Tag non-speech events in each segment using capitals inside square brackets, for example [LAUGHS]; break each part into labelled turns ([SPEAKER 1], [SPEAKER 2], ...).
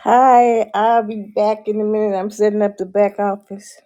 [SPEAKER 1] Hi, I'll be back in a minute. I'm setting up the back office.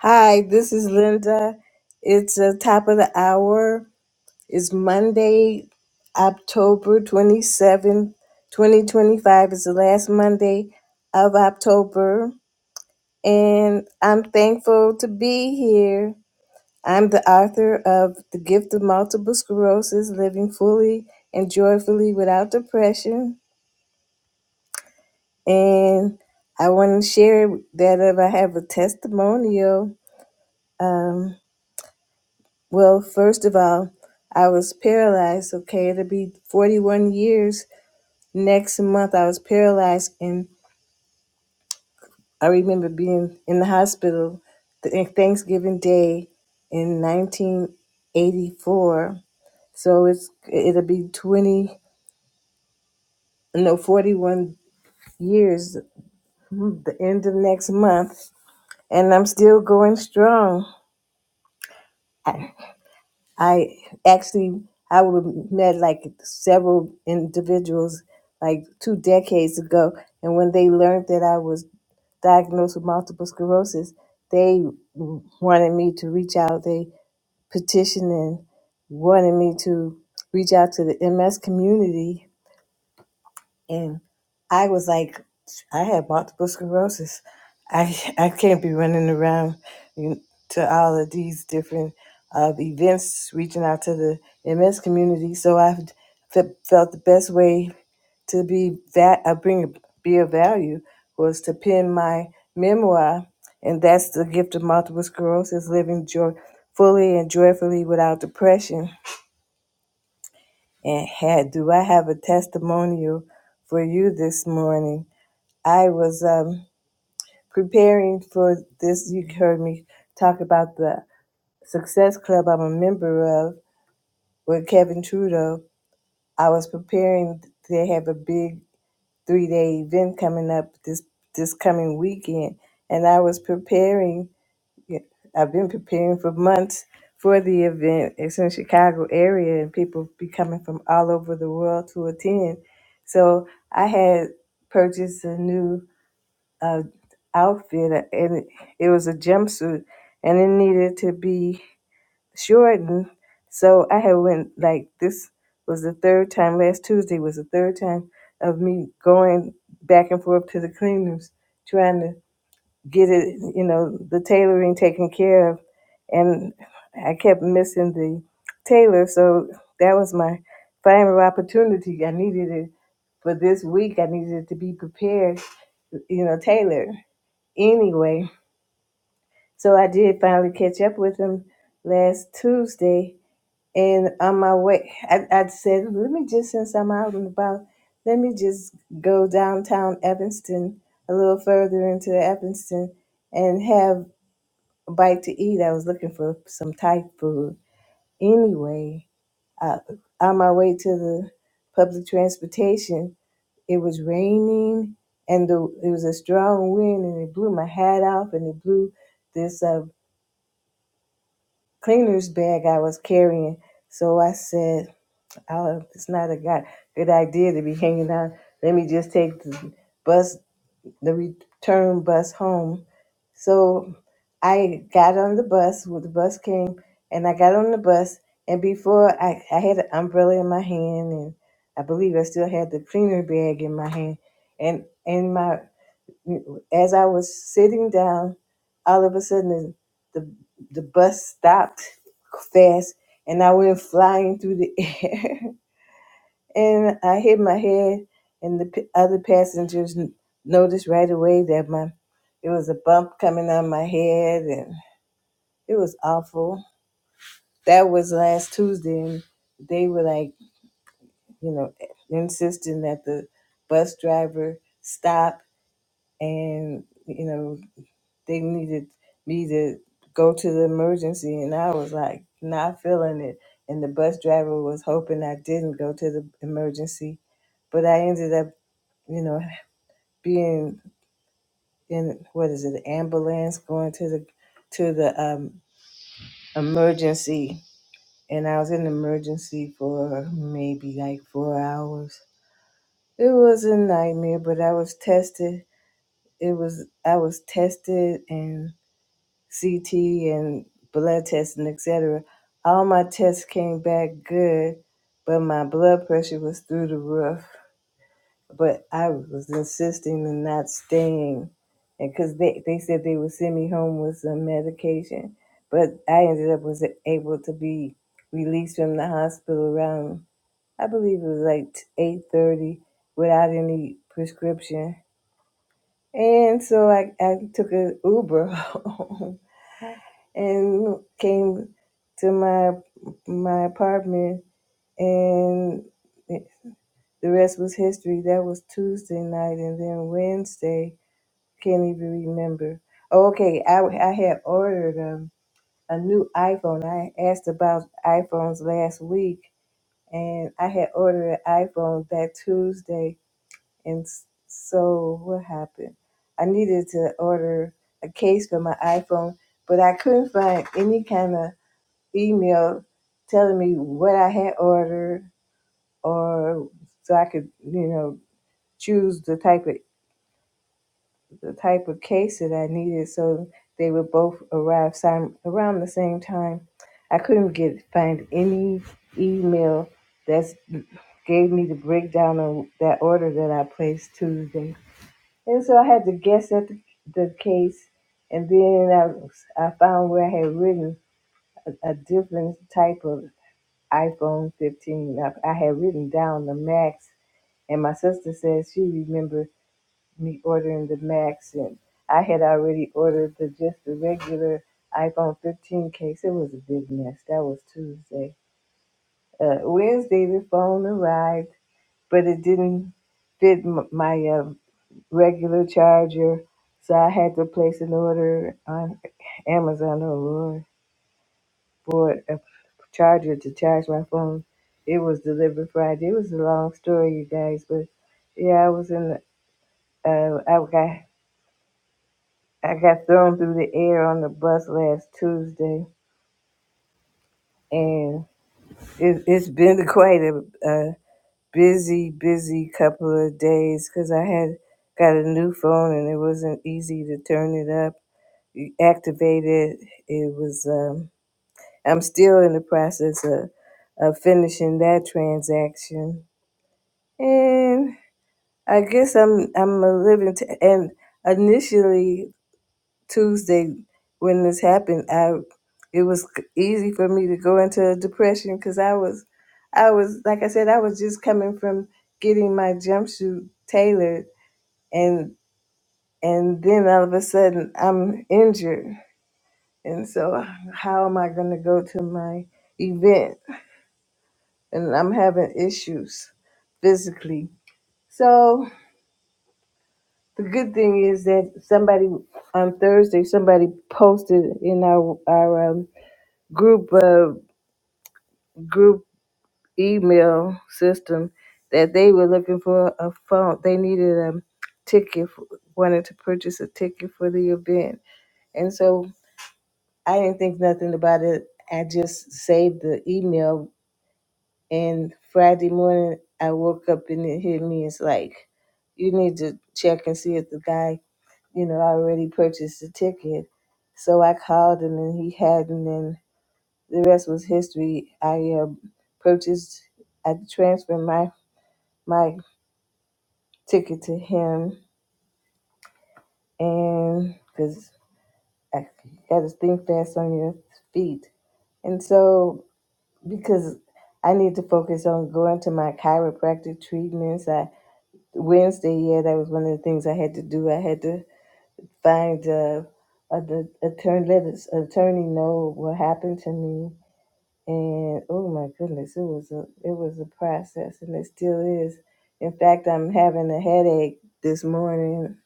[SPEAKER 1] Hi, this is Linda. It's the top of the hour. It's Monday, October 27th, 2025. It's the last Monday of October. And I'm thankful to be here. I'm the author of The Gift of Multiple Sclerosis Living Fully and Joyfully Without Depression. And I want to share that if I have a testimonial, um, well, first of all, I was paralyzed. Okay, it'll be 41 years next month. I was paralyzed, and I remember being in the hospital th- Thanksgiving Day in 1984. So it's it'll be 20, no, 41 years. The end of next month, and I'm still going strong. I actually I would met like several individuals like two decades ago, and when they learned that I was diagnosed with multiple sclerosis, they wanted me to reach out. They petitioned and wanted me to reach out to the MS community and I was like, I had multiple sclerosis. I [LAUGHS] I can't be running around you- to all of these different uh, events, reaching out to the MS community. So I f- felt the best way to be that uh, bring be of value was to pen my memoir, and that's the gift of multiple sclerosis: living joy fully and joyfully without depression. And had do I have a testimonial for you this morning? I was um, preparing for this. You heard me talk about the Success Club I'm a member of with Kevin Trudeau. I was preparing. They have a big three day event coming up this this coming weekend, and I was preparing. yeah, I've been preparing for months for the event. It's in the Chicago area, and people be coming from all over the world to attend. So I had purchased a new uh, outfit, and it, it was a jumpsuit, and it needed to be shortened. So I had went like this was the third time. Last Tuesday was the third time of me going back and forth to the cleaners, trying to get it, you know, the tailoring taken care of, and I kept missing the tailor. So that was my final opportunity. I needed it for this week. I needed it to be prepared, you know, tailored anyway, so I did finally catch up with him last Tuesday. And on my way, I, I said, let me just, since I'm out and about, let me just go downtown Evanston, a little further into Evanston, and have a bite to eat. I was looking for some Thai food. Anyway, uh, on my way to the public transportation, it was raining and the, it was a strong wind and it blew my hat off and it blew this uh, cleaner's bag I was carrying. So I said, oh, it's not a go- good idea to be hanging out. Let me just take the bus, the return bus home. So I got on the bus, well, the bus came, and I got on the bus. And before I, I had an umbrella in my hand, and I believe I still had the cleaner bag in my hand. And, and my as I was sitting down, all of a sudden the the, the bus stopped fast, and I went flying through the [LAUGHS] air, and I hit my head, and the p- other passengers n- noticed right away that my it was a bump coming on my head, and it was awful. That was last Tuesday, and they were like, you know, insisting that the bus driver stop and you know They needed me to go to the emergency, and I was like not feeling it. And the bus driver was hoping I didn't go to the emergency, but I ended up, you know, being in what is it, ambulance, going to the to the um, emergency, and I was in the emergency for maybe like four hours. It was a nightmare, but I was tested. It was I was tested and CT and blood tests testing, etc. All my tests came back good, but my blood pressure was through the roof. But I was insisting on not staying, and because they, they said they would send me home with some medication, but I ended up was able to be released from the hospital around I believe it was like eight thirty without any prescription, and so I I took an Uber [LAUGHS] home and came to my my apartment and the rest was history. That was Tuesday night and then Wednesday, can't even remember. Oh, okay, I I had ordered um, a new iPhone. I asked about iPhones last week and I had ordered an iPhone that Tuesday and s- so what happened? I needed to order a case for my iPhone, but I couldn't find any kind of email telling me what I had ordered, or so I could, you know, choose the type of the type of case that I needed, so they would both arrive sim- around the same time. I couldn't get find any email that gave me the breakdown of that order that I placed Tuesday, and so I had to guess at the, the case. And then I, was- I found where I had written a, a different type of iPhone 15. I, I had written down the Max, and my sister says she remembered me ordering the Max, and I had already ordered the just the regular iPhone 15 case. It was a big mess. That was Tuesday. Uh, Wednesday, the phone arrived, but it didn't fit m- my uh, regular charger, so I had to place an order on Amazon. Oh Lord for a charger to charge my phone. It was delivered Friday. It was a long story, you guys, but yeah, I was in. Uh, I got I got thrown through the air on the bus last Tuesday, and it, it's been [LAUGHS] quite a, a busy, busy couple of days because I had got a new phone and it wasn't easy to turn it up, activate it. It was. Um, I'm still in the process of, of finishing that transaction And I guess I'm I'm a living t- and initially Tuesday when this happened, I it was c- easy for me to go into a depression because I was I was like I said I was just coming from getting my jumpsuit tailored and and then all of a sudden I'm injured and so how am I going to go to my event and I'm having issues physically. So The good thing is that somebody on Thursday somebody posted in our our um, group uh, group email system that they were looking for a phone. They needed a ticket, for, wanted to purchase a ticket for the event, and so I didn't think nothing about it. I just saved the email, and Friday morning I woke up and it hit me. It's like you need to check and see if the guy you know, I already purchased the ticket. So I called him and he hadn't, and the rest was history. I uh, purchased, I transferred my, my ticket to him, and because I got to think fast on your feet. And so, because I need to focus on going to my chiropractic treatments, I Wednesday, yeah, that was one of the things I had to do. I had to find uh, uh, the attorney, let his attorney know what happened to me. And oh my goodness, it was a it was a process, and it still is. In fact, I'm having a headache this morning.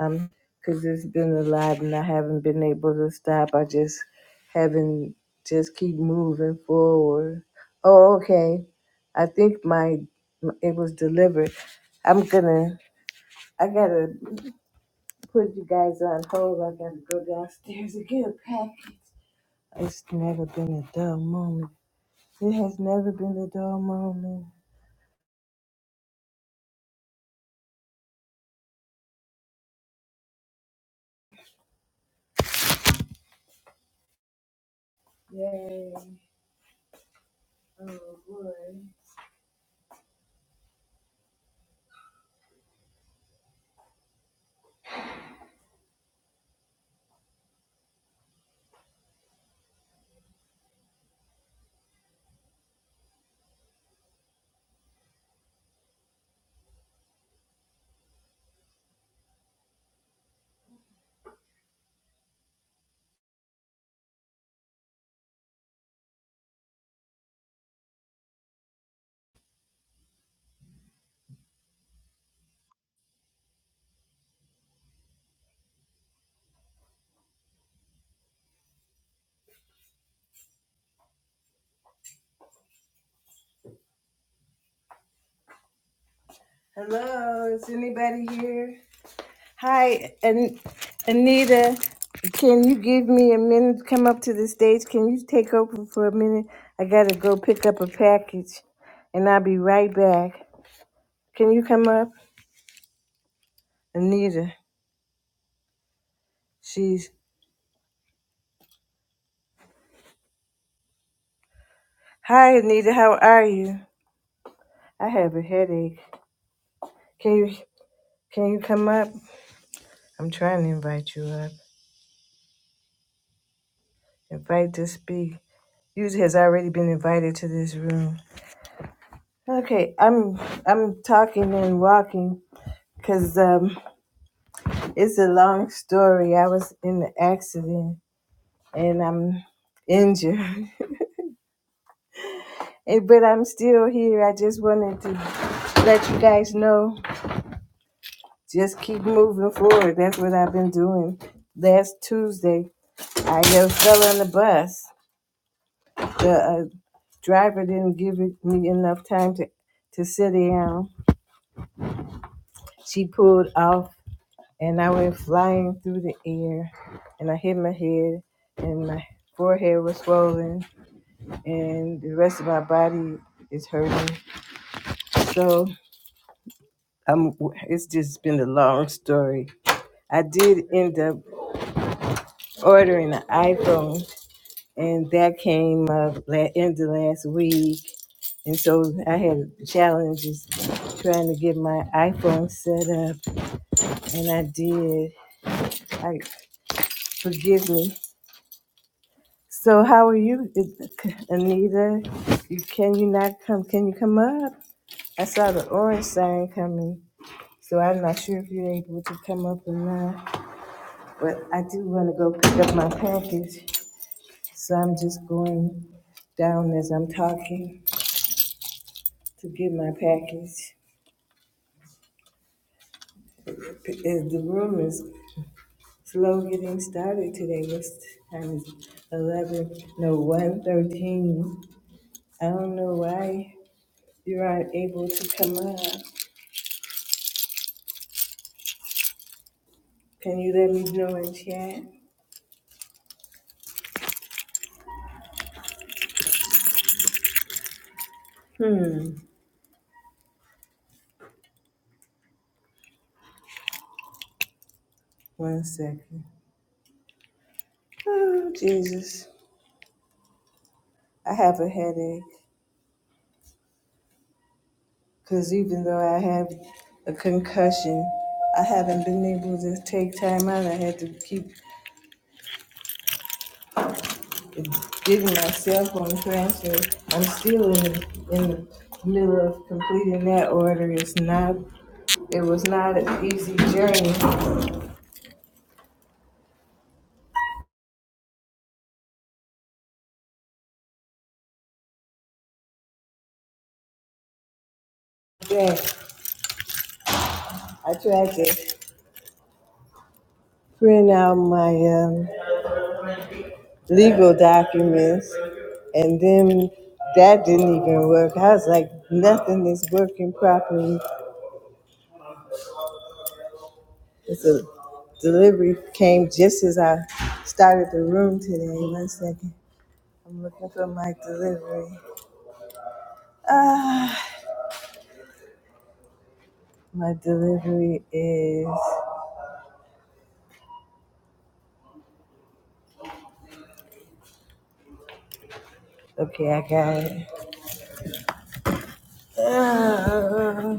[SPEAKER 1] Um, because it's been a lot, and I haven't been able to stop. I just haven't just keep moving forward. Oh, okay. I think my it was delivered. I'm gonna. I gotta put you guys on hold. I gotta go downstairs and get a package. It's never been a dull moment. It has never been a dull moment. Yay. Oh boy. Hello, is anybody here? Hi, An- Anita. Can you give me a minute to come up to the stage? Can you take over for a minute? I gotta go pick up a package and I'll be right back. Can you come up? Anita. She's. Hi, Anita. How are you? I have a headache. Can you can you come up? I'm trying to invite you up. Invite to speak. User has already been invited to this room. Okay, I'm I'm talking and walking because um, it's a long story. I was in an accident and I'm injured, [LAUGHS] Eh, but I'm still here. I just wanted to let you guys know. Just keep moving forward. That's what I've been doing. Last Tuesday, I just fell on the bus. The uh, Driver didn't give it- me enough time to, to sit down. She pulled off, and I went flying through the air, and I hit my head, and my forehead was swollen, and the rest of my body is hurting. So I'm, it's just been a long story. I did end up ordering an iPhone, and that came up la- end of last week. And so I had challenges trying to get my iPhone set up and I did. I forgive me. So how are you, Anita? You can you not come? Can you come up? I saw the orange sign coming, so I'm not sure if you're able to come up or not. But I do want to go pick up my package, so I'm just going down as I'm talking to get my package. P- uh, The room is slow getting started today. What's time? Is eleven? No, one thirteen. I don't know why You aren't able to come up. Can you let me know in chat? Hmm. One second. Oh, Jesus. I have a headache. Because even though I have a concussion, I haven't been able to take time out. I had to keep giving myself on transfer. I'm still in the, in the middle of completing that order. It's not, it was not an easy journey. Then I tried to print out my um, legal documents, and then that didn't even work. I was like, nothing is working properly. It's a delivery came just as I started the room today. One second, I'm looking for my delivery. Ah, my delivery is okay. I got it. Ah,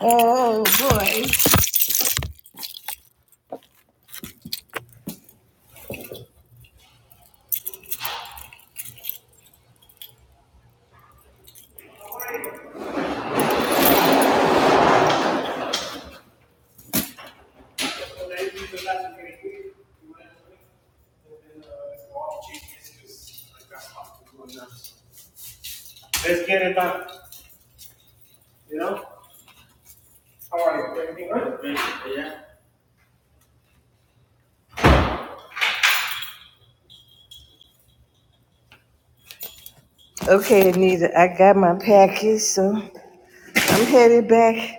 [SPEAKER 1] oh boy. Okay, Anita, I got my package, so I'm headed back.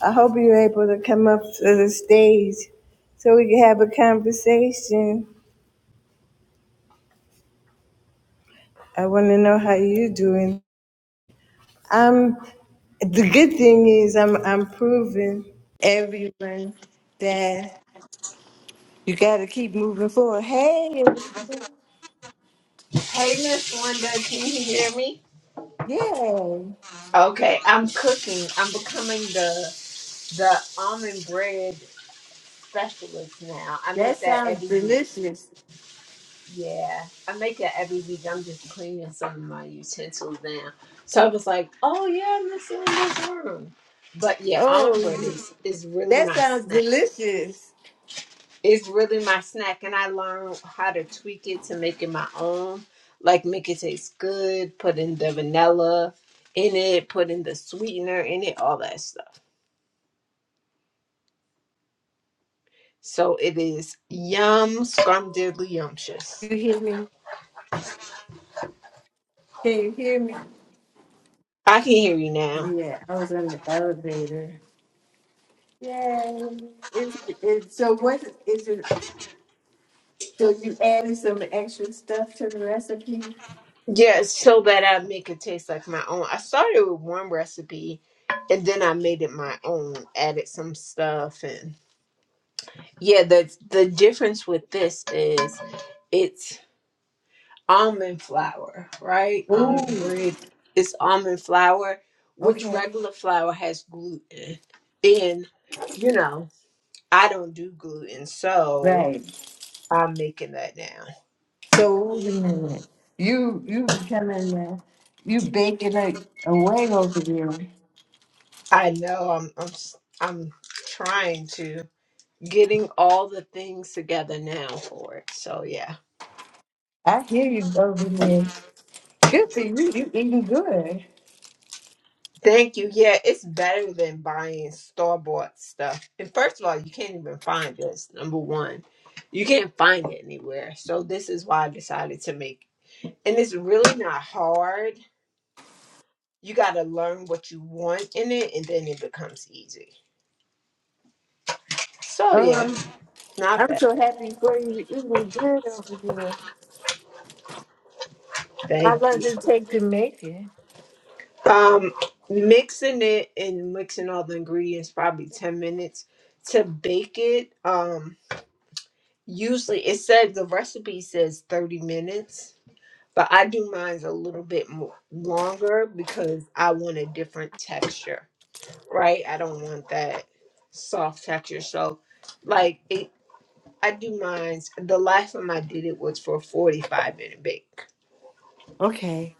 [SPEAKER 1] I hope you're able to come up to the stage so we can have a conversation. I want to know how you're doing. I'm, the good thing is I'm, I'm proving everyone that you got to keep moving forward. Hey,
[SPEAKER 2] Hey, Miss Linda, can you hear me?
[SPEAKER 1] yeah,
[SPEAKER 2] Okay, I'm cooking. I'm becoming the the almond bread specialist now. I
[SPEAKER 1] that
[SPEAKER 2] make that
[SPEAKER 1] sounds
[SPEAKER 2] every week.
[SPEAKER 1] delicious.
[SPEAKER 2] Yeah, I make that every week. I'm just cleaning some of my utensils now. So I was like, oh yeah, Miss Linda's room. But yeah, almond bread
[SPEAKER 1] Oh,
[SPEAKER 2] is is really
[SPEAKER 1] that
[SPEAKER 2] nice.
[SPEAKER 1] sounds delicious.
[SPEAKER 2] It's really my snack, and I learned how to tweak it to make it my own. Like make it taste good, put in the vanilla in it, put in the sweetener in it, all that stuff. So it is yum scrumdiddly yumptious.
[SPEAKER 1] You hear me? Can you hear me?
[SPEAKER 2] I can hear you now.
[SPEAKER 1] Yeah, I was on the elevator. Yeah. It's, it's so what is it? So you added some extra stuff to the recipe?
[SPEAKER 2] Yeah, so that I make it taste like my own. I started with one recipe and then I made it my own, added some stuff and yeah, the the difference with this is it's almond flour, right? Almond
[SPEAKER 1] Ooh,
[SPEAKER 2] bread is almond flour, which
[SPEAKER 1] okay,
[SPEAKER 2] regular flour has gluten. And, you know, I don't do gluten, so
[SPEAKER 1] right.
[SPEAKER 2] I'm making that now.
[SPEAKER 1] So wait a minute. You you becoming uh, you baking a a away over there.
[SPEAKER 2] I know I'm I'm s- I'm trying to getting all the things together now for it. So yeah.
[SPEAKER 1] I hear you over there. Good for you. You eating good.
[SPEAKER 2] Thank you. Yeah, it's better than buying store bought stuff. And first of all, you can't even find this. Number one, you can't find it anywhere. So this is why I decided to make. it. And it's really not hard. You got to learn what you want in it, and then it becomes easy. So yeah,
[SPEAKER 1] Um,
[SPEAKER 2] not
[SPEAKER 1] I'm
[SPEAKER 2] bad.
[SPEAKER 1] so happy for you. You eating good over there. How
[SPEAKER 2] Thank
[SPEAKER 1] long
[SPEAKER 2] you.
[SPEAKER 1] does it take to make it?
[SPEAKER 2] Um, mixing it and mixing all the ingredients probably ten minutes to bake it. Um, usually it said the recipe says thirty minutes But I do mine's a little bit more longer because I want a different texture, right? I don't want that soft texture. So, like it, I do mine's. The last time I did it was for forty five minute bake.
[SPEAKER 1] Okay.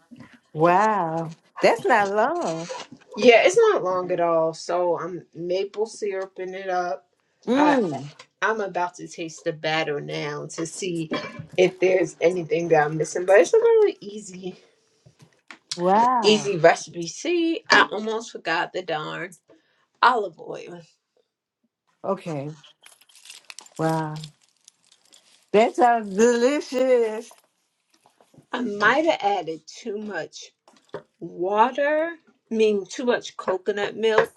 [SPEAKER 1] Wow. That's not long.
[SPEAKER 2] Yeah, it's not long at all. So I'm maple syruping it up. I
[SPEAKER 1] Mm.
[SPEAKER 2] I'm about to taste the batter now to see if there's anything that I'm missing. But it's a really easy
[SPEAKER 1] Wow.
[SPEAKER 2] easy recipe. See, I almost forgot the darn. olive oil.
[SPEAKER 1] Okay. Wow. That sounds delicious.
[SPEAKER 2] I might have added too much water, I mean too much coconut milk,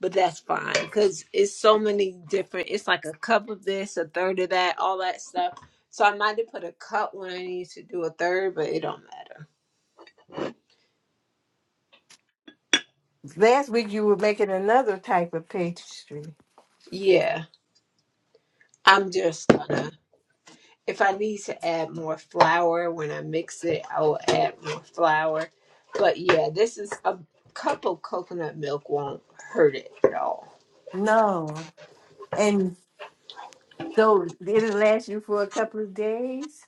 [SPEAKER 2] but that's fine because it's so many different. It's like a cup of this, a third of that, all that stuff. So I might have put a cup when I need to do a third, but it don't matter.
[SPEAKER 1] Last week you were making another type of pastry.
[SPEAKER 2] Yeah, I'm just gonna. If I need to add more flour when I mix it, I will add more flour. But yeah, this is a cup of coconut milk won't hurt it at all.
[SPEAKER 1] No. And so it'll last you for a couple of days?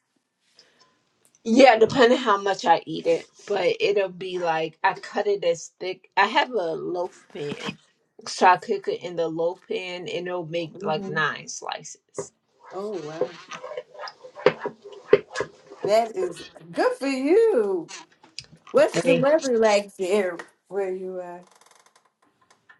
[SPEAKER 2] Yeah, depending how much I eat it, but it'll be like I cut it as thick. I have a loaf pan, so I cook it in the loaf pan, and it'll make like
[SPEAKER 1] hmm
[SPEAKER 2] nine slices.
[SPEAKER 1] Oh, wow. That is good for you. What's the
[SPEAKER 2] And
[SPEAKER 1] weather like there where you are?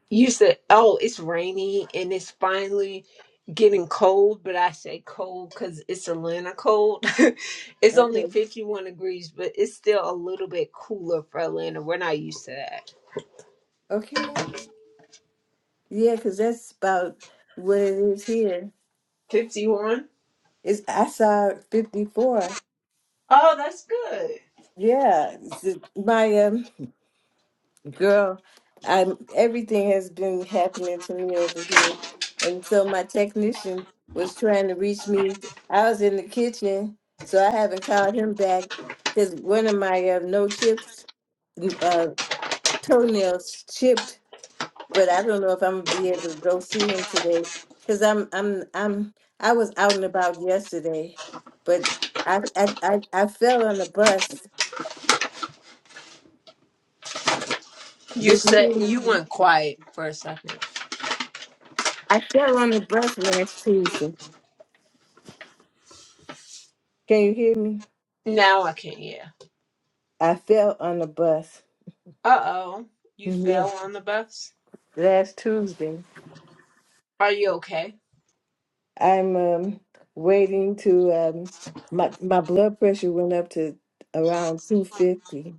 [SPEAKER 2] you said, "Oh, it's rainy and it's finally getting cold," but I say cold because it's Atlanta cold. [LAUGHS] it's only
[SPEAKER 1] Okay.
[SPEAKER 2] fifty-one degrees, but it's still a little bit cooler for Atlanta. We're not used to that.
[SPEAKER 1] Okay. Yeah, 'cause that's about what it is here.
[SPEAKER 2] Fifty-one.
[SPEAKER 1] It's, I saw 54.
[SPEAKER 2] Oh, that's good.
[SPEAKER 1] Yeah. it's- My um, Girl, I'm everything has been happening to me over here. And so my technician was trying to reach me. I was in the kitchen, so I haven't called him back because one of my uh, no chips uh, toenails chipped. But I don't know if I'm gonna be able to go see him today because I'm I'm I'm I was out and about yesterday, but I I I, I fell on the bus.
[SPEAKER 2] You
[SPEAKER 1] Did you
[SPEAKER 2] said
[SPEAKER 1] hear
[SPEAKER 2] you
[SPEAKER 1] me?
[SPEAKER 2] went quiet for a second.
[SPEAKER 1] I fell on the bus last Tuesday. Can you hear me?
[SPEAKER 2] Now I can, yeah.
[SPEAKER 1] I fell on the bus.
[SPEAKER 2] Uh oh. You
[SPEAKER 1] Yeah.
[SPEAKER 2] fell on the bus?
[SPEAKER 1] Last Tuesday.
[SPEAKER 2] Are you okay?
[SPEAKER 1] I'm um, waiting to um, my my blood pressure went up to around 250.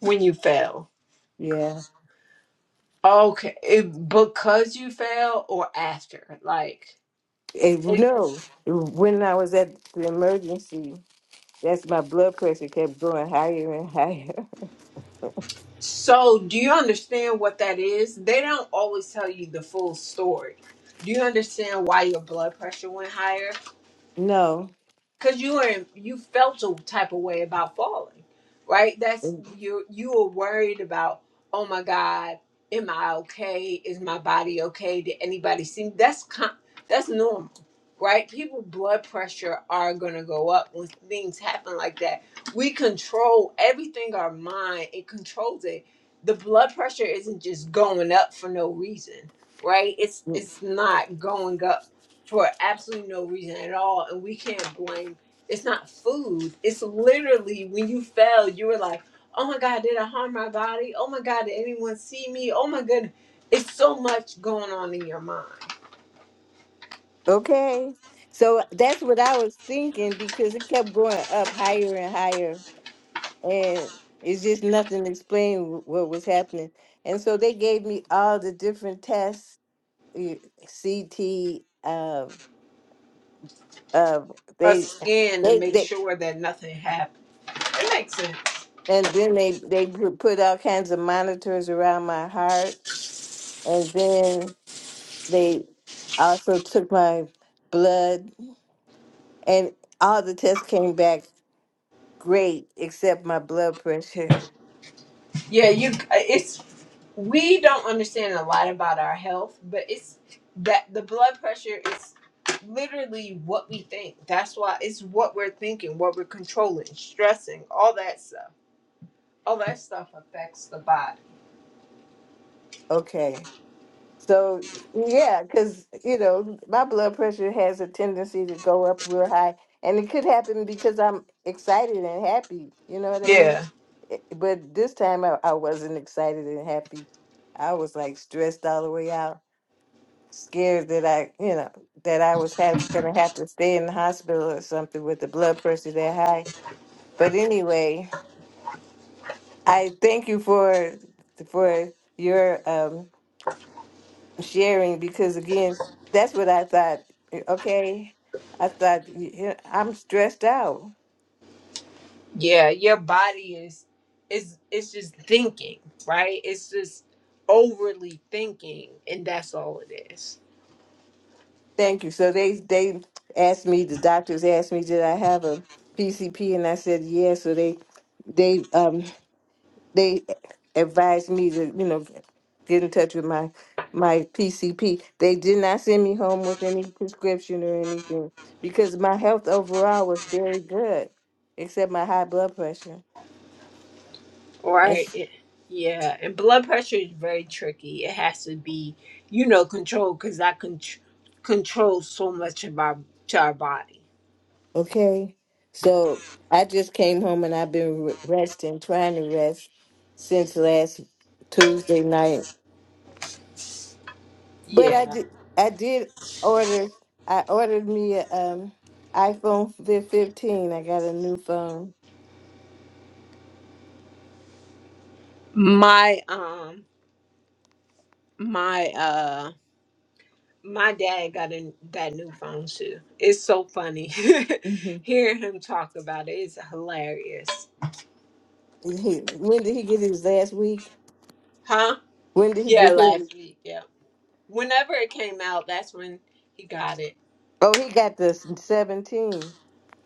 [SPEAKER 2] When you fell.
[SPEAKER 1] Yeah.
[SPEAKER 2] Okay. It, because you fell or after? Like,
[SPEAKER 1] And you
[SPEAKER 2] it,
[SPEAKER 1] when I was at the emergency, that's my blood pressure kept going higher and higher. [LAUGHS]
[SPEAKER 2] so do you understand what that is? They don't always tell you the full story. Do you understand why your blood pressure went higher?
[SPEAKER 1] No.
[SPEAKER 2] because you were in, you felt a type of way about falling right that's you you were worried about oh my god am i okay is my body okay did anybody see me that's con- that's normal right people blood pressure are going to go up when things happen like that we control everything our mind it controls it the blood pressure isn't just going up for no reason right it's it's not going up for absolutely no reason at all and we can't blame it's not food it's literally when you fell you were like oh my god did i harm my body oh my god did anyone see me oh my goodness it's so much going on in your mind
[SPEAKER 1] Okay. So that's what I was thinking because it kept going up higher and higher. and it's just nothing explained wh- what was happening. And so they gave me all the different tests, eh, CT, uh, uh,
[SPEAKER 2] a
[SPEAKER 1] they,
[SPEAKER 2] scan to
[SPEAKER 1] they,
[SPEAKER 2] make
[SPEAKER 1] they,
[SPEAKER 2] sure that nothing happened it makes sense
[SPEAKER 1] and then they they pu- put all kinds of monitors around my heart, and then they also took my blood, and all the tests came back great except my blood pressure.
[SPEAKER 2] yeah you uh, it's we don't understand a lot about our health, but it's that the blood pressure is literally what we think. That's why it's what we're thinking, what we're controlling, stressing, all that stuff. All that stuff affects the body.
[SPEAKER 1] Okay. So yeah, because you know my blood pressure has a tendency to go up real high, and it could happen because I'm excited and happy. You know what I mean?
[SPEAKER 2] Yeah.
[SPEAKER 1] It- But this time I, I wasn't excited and happy. I was like stressed all the way out, scared that I, you know, that I was have, gonna have to stay in the hospital or something with the blood pressure that high. But anyway, I thank you for for your um sharing because again, that's what I thought. Okay, I thought yeah, I'm stressed out.
[SPEAKER 2] Yeah, your body is is it's just thinking, right? It's just overly thinking and that's all it is.
[SPEAKER 1] Thank you. So they they asked me. The doctors asked me, did I have a PCP? And I said yes. So they they um they advised me to you know get in touch with my my PCP. They did not send me home with any prescription or anything because my health overall was very good, except my high blood pressure.
[SPEAKER 2] Right. it- Yeah. And blood pressure is very tricky. It has to be, you know, controlled because that con controls so much of our to our body.
[SPEAKER 1] Okay. So I just came home and I've been re- resting, trying to rest since last Tuesday night. But I
[SPEAKER 2] Yeah.
[SPEAKER 1] did, I did order. I ordered me a um, iPhone fif- 15. I got a new phone.
[SPEAKER 2] My um my uh my dad got a that new phone too. It's so funny.
[SPEAKER 1] hmm
[SPEAKER 2] [LAUGHS] Hearing him talk about it is hilarious.
[SPEAKER 1] He, when did he get his last week?
[SPEAKER 2] Huh?
[SPEAKER 1] When did he
[SPEAKER 2] Yeah,
[SPEAKER 1] get his?
[SPEAKER 2] last week. Yeah. Whenever it came out, that's when he got it.
[SPEAKER 1] Oh, he got the 17.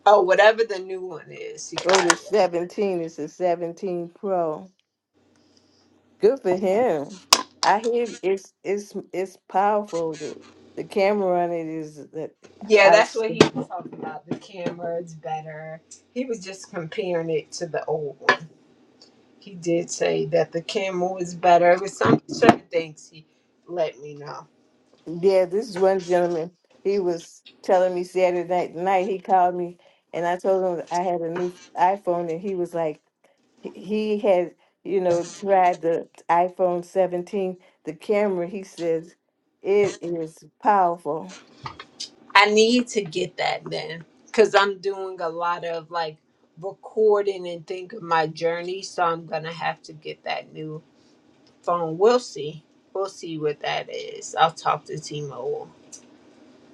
[SPEAKER 2] Oh, whatever the new one is, he
[SPEAKER 1] Oh,
[SPEAKER 2] got
[SPEAKER 1] the
[SPEAKER 2] it.
[SPEAKER 1] 17 is a 17 Pro. Good for him. I hear it's it's it's powerful. The, the camera on it is that
[SPEAKER 2] Yeah,
[SPEAKER 1] I
[SPEAKER 2] that's
[SPEAKER 1] was.
[SPEAKER 2] what he was talking about. The camera is better. He was just comparing it to the old one. He did say that the camera was better. It was some certain things he let me know.
[SPEAKER 1] Yeah, this is one gentleman. He was telling me Saturday night, night he called me and I told him I had a new iPhone and he was like he he had, you know, tried the iPhone 17, the camera, he says it is powerful.
[SPEAKER 2] I need to get that then because I'm doing a lot of like recording and think of my journey. So I'm going to have to get that new phone. We'll see. We'll see what that is. I'll talk to T-Mobile.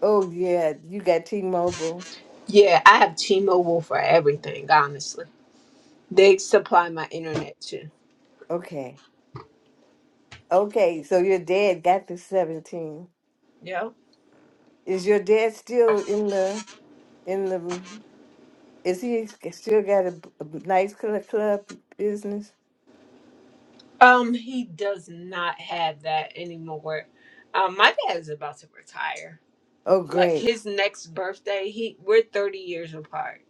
[SPEAKER 1] Oh yeah, you got T-Mobile.
[SPEAKER 2] Yeah, I have T-Mobile for everything, honestly. They supply my internet too.
[SPEAKER 1] Okay. Okay, so your dad got the 17.
[SPEAKER 2] Yeah.
[SPEAKER 1] Is your dad still in the in the mm-hmm, is he still got a, a nice cl- club business?
[SPEAKER 2] Um, he does not have that anymore. Um, my dad is about to retire.
[SPEAKER 1] Oh
[SPEAKER 2] Like
[SPEAKER 1] great.
[SPEAKER 2] his next birthday, he we're thirty years apart.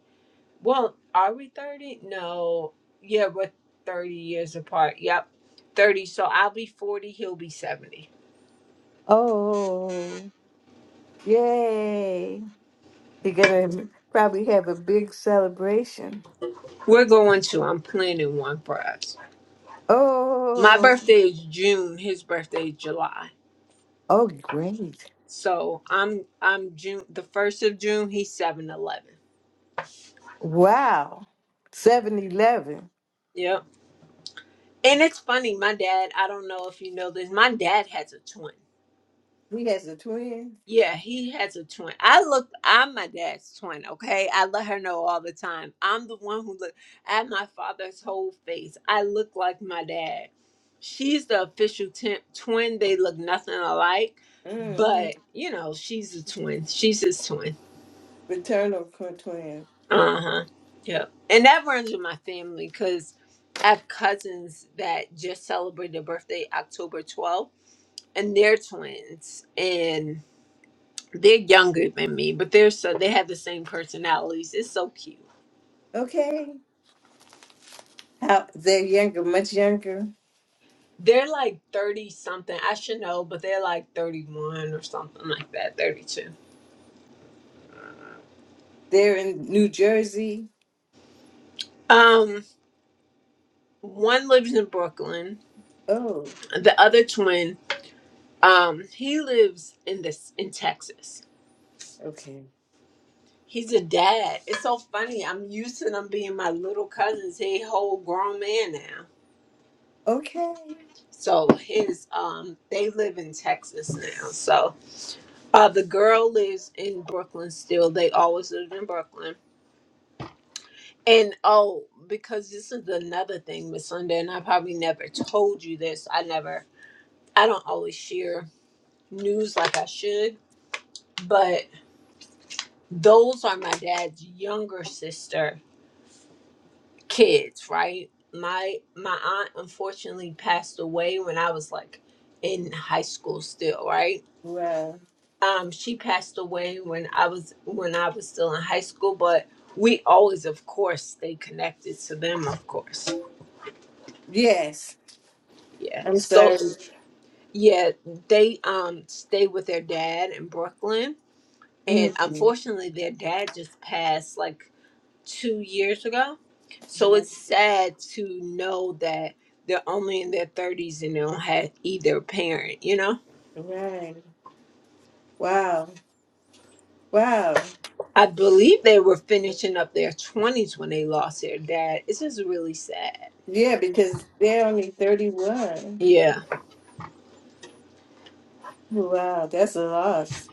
[SPEAKER 2] Well, are we thirty? No. Yeah, we're thirty years apart. Yep. Thirty. So I'll be forty, he'll be seventy.
[SPEAKER 1] Oh, yay. You're gonna probably have a big celebration.
[SPEAKER 2] We're going to, I'm planning one for us. My
[SPEAKER 1] Oh,
[SPEAKER 2] birthday is June, his birthday is July.
[SPEAKER 1] oh great.
[SPEAKER 2] So I'm I'm June the first of June, he's seven eleven.
[SPEAKER 1] Wow. seven eleven.
[SPEAKER 2] Yep. And it's funny, my dad, I don't know if you know this, my dad has a twin.
[SPEAKER 1] He has a twin.
[SPEAKER 2] Yeah, he has a twin. I look, I'm my dad's twin, okay? I let her know all the time. I'm the one who look at my father's whole face. I look like my dad. She's the official t- twin. They look nothing alike,
[SPEAKER 1] Mm-hmm.
[SPEAKER 2] but you know, she's a twin. She's his twin.
[SPEAKER 1] Fraternal twin.
[SPEAKER 2] Uh huh. Yep. And that runs with my family because I have cousins that just celebrated their birthday October 12th and they're twins and they're younger than me but they're so they have the same personalities it's so cute
[SPEAKER 1] Okay. How they're younger, much younger.
[SPEAKER 2] they're like 30 something i should know but they're like 31 or something like that 32
[SPEAKER 1] They're in New Jersey.
[SPEAKER 2] um one lives in brooklyn
[SPEAKER 1] Oh,
[SPEAKER 2] the other twin um he lives in this in texas
[SPEAKER 1] okay.
[SPEAKER 2] he's a dad it's so funny i'm used to them being my little cousins he a whole grown man now
[SPEAKER 1] Okay.
[SPEAKER 2] so his um they live in texas now so Uh, the girl lives in Brooklyn still. They always lived in Brooklyn. And oh, because this is another thing with Sunday, and I probably never told you this. I never, I don't always share news like I should, but those are my dad's younger sister kids, right? My my aunt unfortunately passed away when I was like in high school still, right?
[SPEAKER 1] Wow.
[SPEAKER 2] um she passed away when i was when i was still in high school but we always of course stay connected to them of course
[SPEAKER 1] Yes.
[SPEAKER 2] yeah
[SPEAKER 1] I'm
[SPEAKER 2] so
[SPEAKER 1] sorry.
[SPEAKER 2] yeah they um stay with their dad in brooklyn and
[SPEAKER 1] Mhm.
[SPEAKER 2] unfortunately their dad just passed like two years ago so
[SPEAKER 1] Right.
[SPEAKER 2] it's sad to know that they're only in their 30s and they don't have either parent you know
[SPEAKER 1] Right. Wow. Wow.
[SPEAKER 2] i believe they were finishing up their 20s when they lost their dad it's just really sad
[SPEAKER 1] Yeah, because they're only 31.
[SPEAKER 2] Yeah,
[SPEAKER 1] Wow, that's a loss.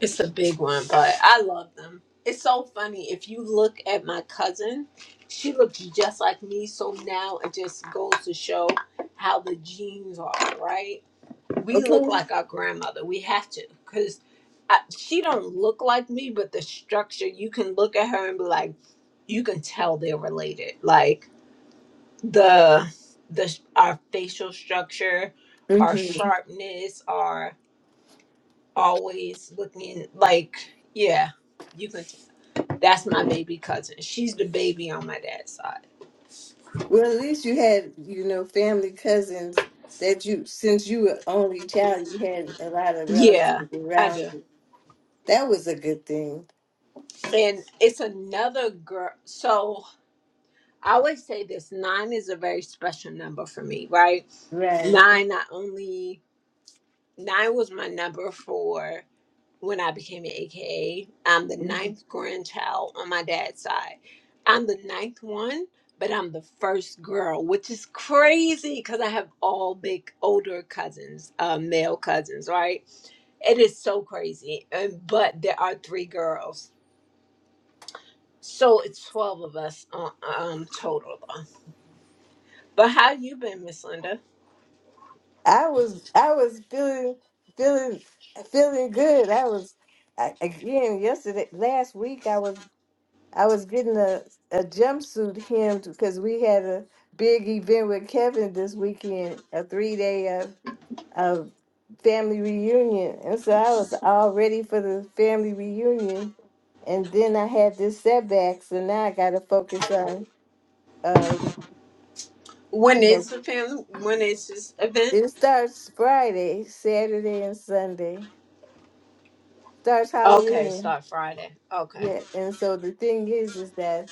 [SPEAKER 2] it's a big one, but I love them. It's so funny. If you look at my cousin, she looks just like me. So now it just goes to show how the genes are, right? We
[SPEAKER 1] Okay.
[SPEAKER 2] look like our grandmother. We have to, because she don't look like me, but the structure, you can look at her and be like, you can tell they're related. Like the the our facial structure, our
[SPEAKER 1] hmm
[SPEAKER 2] sharpness, our always looking like yeah you can that's my baby cousin she's the baby on my dad's side
[SPEAKER 1] Well, at least you had, you know, family cousins that you, since you were only child, you had a lot of
[SPEAKER 2] yeah
[SPEAKER 1] relatives
[SPEAKER 2] i
[SPEAKER 1] around
[SPEAKER 2] do
[SPEAKER 1] you. That was a good thing.
[SPEAKER 2] and it's another girl so i always say this nine is a very special number for me right
[SPEAKER 1] Right.
[SPEAKER 2] nine not only nine was my number for when I became an AKA. I'm the ninth grandchild on my dad's side. I'm the ninth one, but I'm the first girl, which is crazy because I have all big older cousins, uh, male cousins, right? It is so crazy. And, but there are three girls. So it's 12 of us uh, um, total. But how you been, Miss Linda?
[SPEAKER 1] I was I was feeling feeling feeling good. I was I, again yesterday last week I was I was getting a, a jumpsuit hemmed because we had a big event with Kevin this weekend, a three day of of family reunion. And so I was all ready for the family reunion. And then I had this setback, so now I gotta focus on um,
[SPEAKER 2] When
[SPEAKER 1] you know
[SPEAKER 2] is the family? When is this event?
[SPEAKER 1] It starts Friday, Saturday, and Sunday. Starts
[SPEAKER 2] Okay,
[SPEAKER 1] Halloween.
[SPEAKER 2] start Friday. Okay.
[SPEAKER 1] Yeah. And so the thing is, is that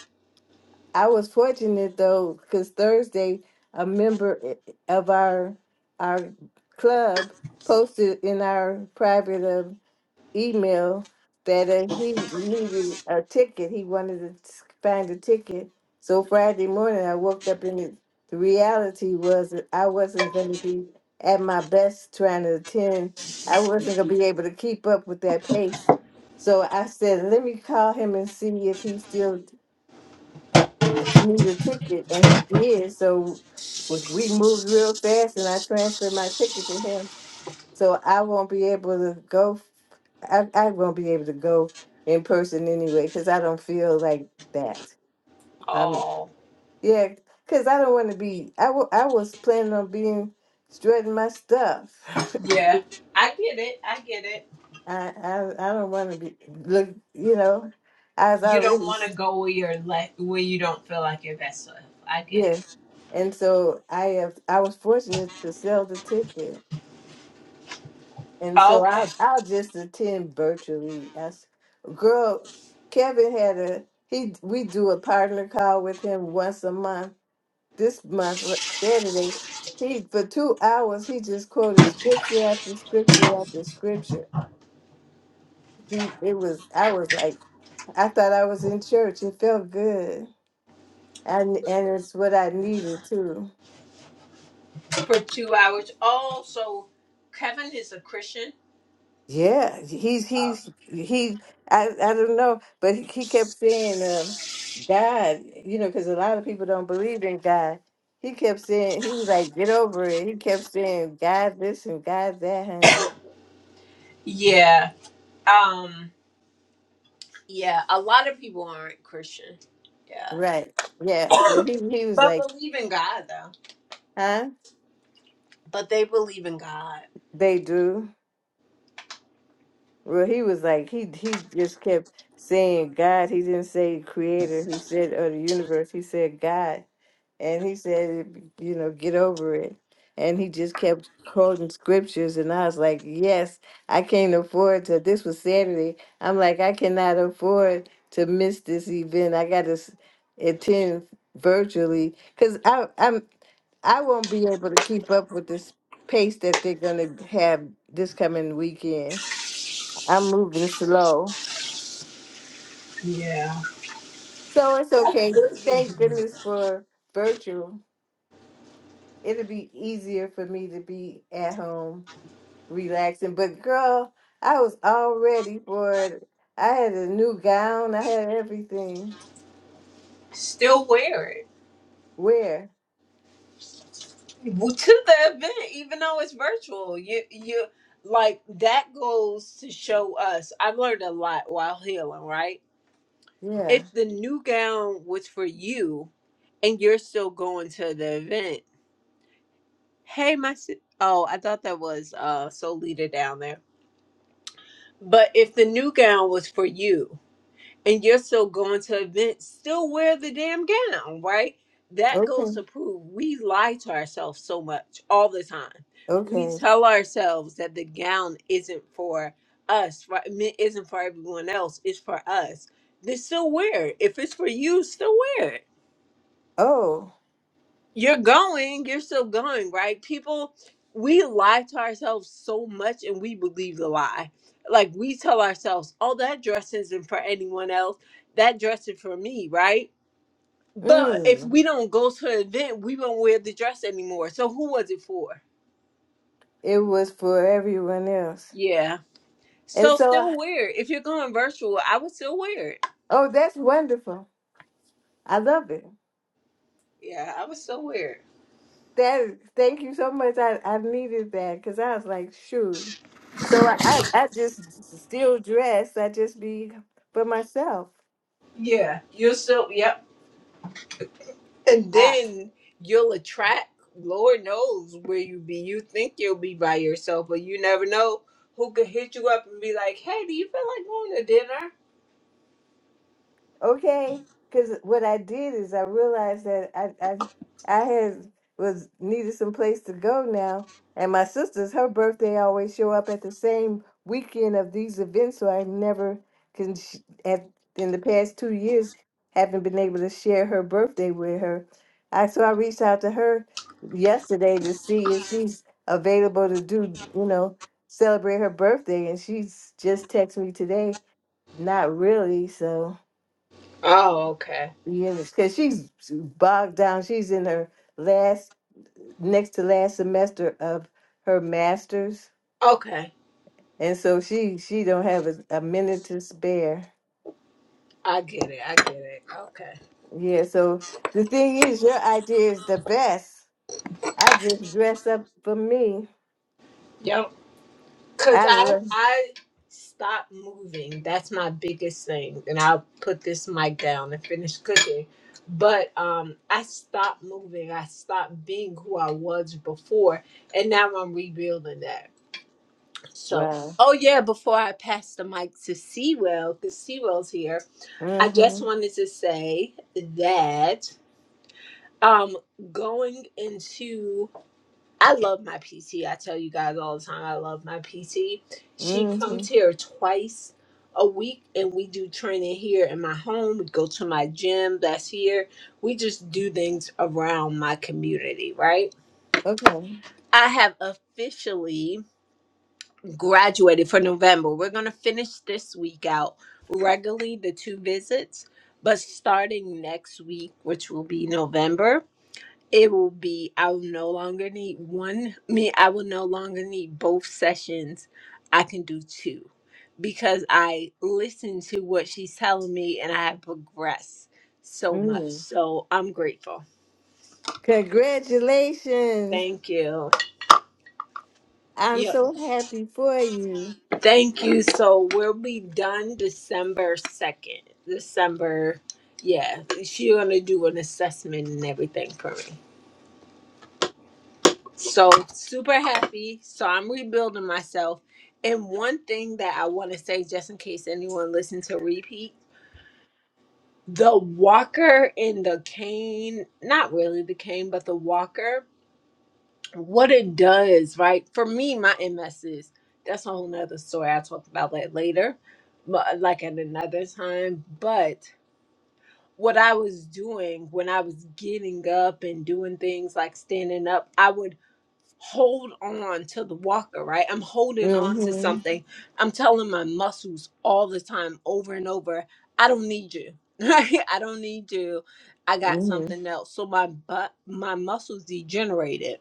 [SPEAKER 1] I was fortunate though, because Thursday, a member i- of our our club posted in our private uh, email that uh, he needed a ticket. He wanted to s- find a ticket. So Friday morning, I woke up and it, the reality was that I wasn't going to be at my best trying to attend. I wasn't going to be able to keep up with that pace. So I said, let me call him and see if he still needs a ticket. And he did. So we we moved real fast and I transferred my ticket to him so I won't be able to go. I, I won't be able to go in person anyway because I don't feel like that. Um,
[SPEAKER 2] Oh.
[SPEAKER 1] yeah, because I don't want to be. I wa- I was planning on being strutting my stuff.
[SPEAKER 2] Yeah, I get it. I get it.
[SPEAKER 1] [LAUGHS] I I, I don't want to be look. You know, I was
[SPEAKER 2] You don't
[SPEAKER 1] already
[SPEAKER 2] want
[SPEAKER 1] s-
[SPEAKER 2] to go where you're like where you don't feel like your best self. I get
[SPEAKER 1] yeah,
[SPEAKER 2] it.
[SPEAKER 1] and so I have. I was fortunate to sell the ticket. And so
[SPEAKER 2] Okay,
[SPEAKER 1] I'll I'll just attend virtually. As girl, Kevin had a he we do a partner call with him once a month. This month r- Saturday, he for two hours he just quoted scripture after scripture after scripture. He it was I was like I thought I was in church. It felt good, and and it's what I needed too.
[SPEAKER 2] for two hours. Oh, so Kevin is a Christian.
[SPEAKER 1] Yeah, he's
[SPEAKER 2] Oh.
[SPEAKER 1] he's he. I I don't know, but he he kept saying, uh, "God," you know, because a lot of people don't believe in God. He kept saying, "He was like, get over it." He kept saying, "God this and God that, honey."
[SPEAKER 2] Yeah. Um. Yeah. A lot of people aren't Christian. Yeah.
[SPEAKER 1] Right? Yeah. Well, he he
[SPEAKER 2] [COUGHS]
[SPEAKER 1] was
[SPEAKER 2] but
[SPEAKER 1] like,
[SPEAKER 2] believe in God though.
[SPEAKER 1] "Huh?"
[SPEAKER 2] But they believe in God.
[SPEAKER 1] They do. Well, he was like, he he just kept saying God. He didn't say Creator. He said, "Or the universe." He said God. And he said, you know, get over it. And he just kept quoting scriptures. And I was like, yes, I can't afford to. This was Saturday. I'm like, I cannot afford to miss this event. I got to attend virtually because I, I'm, I won't be able to keep up with this pace that they're going to have this coming weekend. I'm moving slow.
[SPEAKER 2] Yeah.
[SPEAKER 1] So it's
[SPEAKER 2] That's
[SPEAKER 1] okay. Thank
[SPEAKER 2] good.
[SPEAKER 1] goodness for virtual. It'll be easier for me to be at home relaxing. But girl, I was all ready for it. I had a new gown. I had everything.
[SPEAKER 2] Still wear it.
[SPEAKER 1] Where?
[SPEAKER 2] [LAUGHS] Well, to the event, even though it's virtual. You you like that goes to show us. I've learned a lot while healing, right?
[SPEAKER 1] Yeah.
[SPEAKER 2] If the new gown was for you, and you're still going to the event, hey, my si- oh, I thought that was uh soul leader down there. But if the new gown was for you, and you're still going to events, still wear the damn gown, right? That goes
[SPEAKER 1] Okay.
[SPEAKER 2] to prove we lie to ourselves so much all the time. We
[SPEAKER 1] Okay.
[SPEAKER 2] tell ourselves that the gown isn't for us, right? I mean, It isn't for everyone else, it's for us. Then still wear it. If it's for you, still wear it
[SPEAKER 1] Oh.
[SPEAKER 2] you're going, you're still going, right? People, we lie to ourselves so much and we believe the lie. Like we tell ourselves, oh, that dress isn't for anyone else. That dress is for me, right? But if
[SPEAKER 1] Mm.
[SPEAKER 2] we don't go to an event, we won't wear the dress anymore. So who was it for?
[SPEAKER 1] It was for everyone else.
[SPEAKER 2] Yeah.
[SPEAKER 1] And
[SPEAKER 2] So
[SPEAKER 1] so,
[SPEAKER 2] still
[SPEAKER 1] I-
[SPEAKER 2] wear it. If you're going virtual, I would still wear it.
[SPEAKER 1] oh, that's wonderful. I love it.
[SPEAKER 2] Yeah, I would still wear it.
[SPEAKER 1] That is, thank you so much. I, I needed that because I was like, shoot. So I, I, I just still dress. I just be for myself.
[SPEAKER 2] Yeah. You're still, yep. And then you'll attract, Lord knows where you be. You think you'll be by yourself, but you never know who could hit you up and be like, hey, do you feel like going to dinner?
[SPEAKER 1] okay because what i did is i realized that i i, I had was needed some place to go now and my sister's her birthday always show up at the same weekend of these events so i never can sh- at in the past two years haven't been able to share her birthday with her i so i reached out to her yesterday to see if she's available to do you know celebrate her birthday and she's just texted me today not really so
[SPEAKER 2] Oh, okay.
[SPEAKER 1] yeah, because she's bogged down. She's in her last, next to last semester of her master's,
[SPEAKER 2] Okay.
[SPEAKER 1] and so she she don't have a, a minute to spare.
[SPEAKER 2] I get it. I get it. Okay.
[SPEAKER 1] Yeah, so the thing is, your idea is the best. I just dress up for me.
[SPEAKER 2] Yep. Cause
[SPEAKER 1] I
[SPEAKER 2] I
[SPEAKER 1] love.
[SPEAKER 2] I stopped moving. That's my biggest thing. And I'll put this mic down and finish cooking. But um I stopped moving. I stopped being who I was before. And now I'm rebuilding that. So,
[SPEAKER 1] Wow.
[SPEAKER 2] oh yeah, before I pass the mic to Sewell, because Sewell's here, I just
[SPEAKER 1] Mhm.
[SPEAKER 2] wanted to say that um going into I love my PT. I tell you guys all the time I love my PT. She comes
[SPEAKER 1] Mhm.
[SPEAKER 2] here twice a week and we do training here in my home. We go to my gym that's here. We just do things around my community, right?
[SPEAKER 1] Okay.
[SPEAKER 2] I have officially graduated for November. We're going to finish this week out regularly, the two visits, but starting next week, which will be November, it will be, I will no longer need one, me, I will no longer need both sessions. I can do two because I listen to what she's telling me and I have progressed so much.
[SPEAKER 1] Mhm.
[SPEAKER 2] So I'm grateful.
[SPEAKER 1] Congratulations!
[SPEAKER 2] Thank you.
[SPEAKER 1] I'm
[SPEAKER 2] Yep.
[SPEAKER 1] so happy for you.
[SPEAKER 2] Thank you. So we'll be done December 2nd. December, yeah. She's going to do an assessment and everything for me. So super happy. So I'm rebuilding myself. And one thing that I want to say, just in case anyone listens to repeat, the walker and the cane, not really the cane, but the walker what it does, right? For me, my MS is that's a whole nother story. I'll talk about that later, but like at another time. But what I was doing when I was getting up and doing things like standing up, I would hold on to the walker, right? I'm holding on to
[SPEAKER 1] Mhm.
[SPEAKER 2] something. I'm telling my muscles all the time, over and over, I don't need you. [LAUGHS] Right? I don't need you. I got
[SPEAKER 1] Mhm.
[SPEAKER 2] something else. So my butt, my muscles degenerated.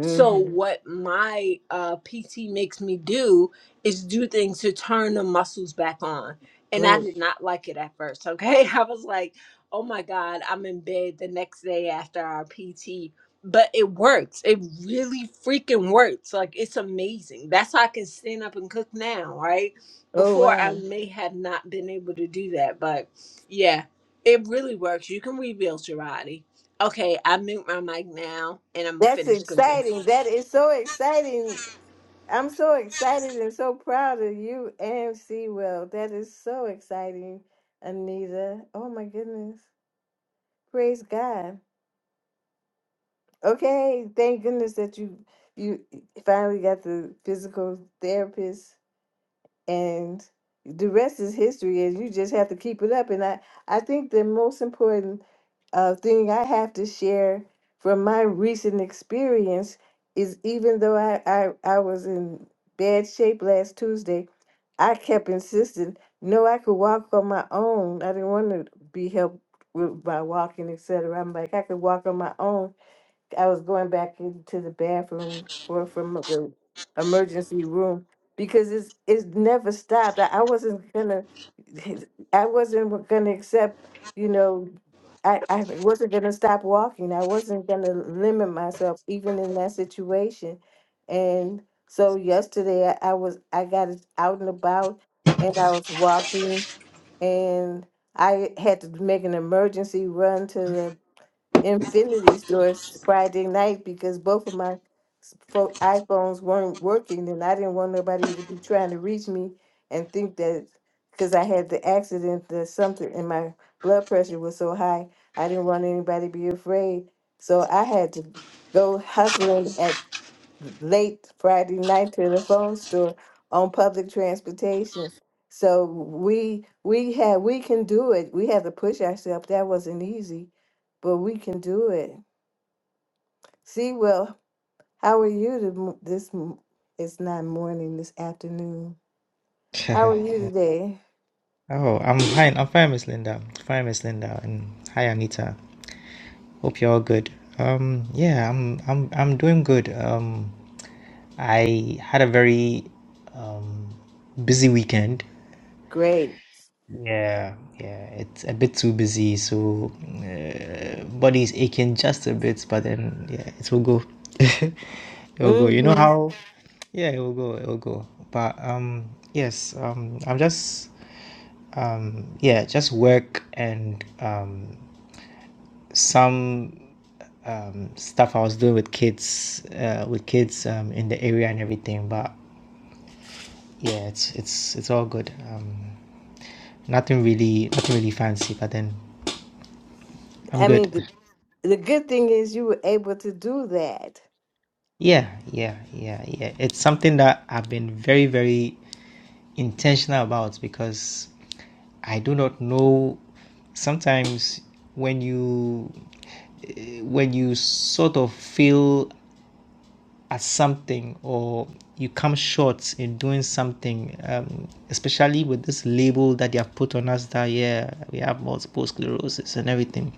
[SPEAKER 2] So what my uh, PT makes me do is do things to turn the muscles back on. And I
[SPEAKER 1] Great.
[SPEAKER 2] did not like it at first. Okay, [LAUGHS] I was like, "Oh my God, I'm in bed the next day after our PT." but it works. It really freaking works. Like it's amazing. That's how I can stand up and cook now, right?
[SPEAKER 1] Oh
[SPEAKER 2] Before I
[SPEAKER 1] wow.
[SPEAKER 2] may have not been able to do that, but yeah, it really works. You can rebuild your body. Okay, I mute my mic now and I'm
[SPEAKER 1] That's
[SPEAKER 2] finished cooking.
[SPEAKER 1] exciting. That is so exciting. I'm so excited and so proud of you and Sewell. That is so exciting, Anita. Oh my goodness. Praise God. Okay, thank goodness that you you finally got the physical therapist and the rest is history and you just have to keep it up. And I, I think the most important uh, thing I have to share from my recent experience is even though I, I, I was in bad shape last Tuesday, I kept insisting, no, I could walk on my own. I didn't want to be helped with by walking, et cetera. I'm like, I could walk on my own. I was going back into the bathroom for from the emergency room because it's it's never stopped. I, I wasn't gonna [LAUGHS] I wasn't gonna accept, you know, I, I wasn't gonna stop walking. I wasn't gonna limit myself even in that situation. And so yesterday I, I was I got out and about and I was walking and I had to make an emergency run to the Infinity Store Friday night because both of my s- pho- iPhones weren't working, and I didn't want nobody to be trying to reach me and think that because I had the accident that something and my blood pressure was so high, I didn't want anybody to be afraid. So I had to go hustling at late Friday night to the phone store on public transportation. So we we had we can do it. We have to push ourselves. That wasn't easy, but we can do it. See, well, how are you to, m- this? m- It's not morning. This afternoon.
[SPEAKER 3] [LAUGHS]
[SPEAKER 1] How are you today?
[SPEAKER 3] oh, I'm fine. I'm fine, Miss Linda. Fine, Miss Linda, and hi, Anita. Hope you're all good. Um, yeah, I'm, I'm, I'm doing good. Um, I had a very, um, busy weekend.
[SPEAKER 1] Great.
[SPEAKER 3] Yeah, yeah, it's a bit too busy, so uh, body's aching just a bit, but then yeah, it will go. [LAUGHS] it will go. You know
[SPEAKER 1] hmm
[SPEAKER 3] how? Yeah, it will go. It will go. But um, yes, um, I'm just Um, yeah, just work and um, some um, stuff I was doing with kids, uh, with kids um, in the area and everything. But yeah, it's it's it's all good. Um, nothing really, nothing really fancy. But then I'm
[SPEAKER 1] I
[SPEAKER 3] good.
[SPEAKER 1] mean, the, the good thing is you were able to do that.
[SPEAKER 3] Yeah, yeah, yeah, yeah. It's something that I've been very, very intentional about because I do not know. Sometimes when you eh, when you sort of feel at something or you come short in doing something, um, especially with this label that they have put on us that yeah we have multiple sclerosis and everything.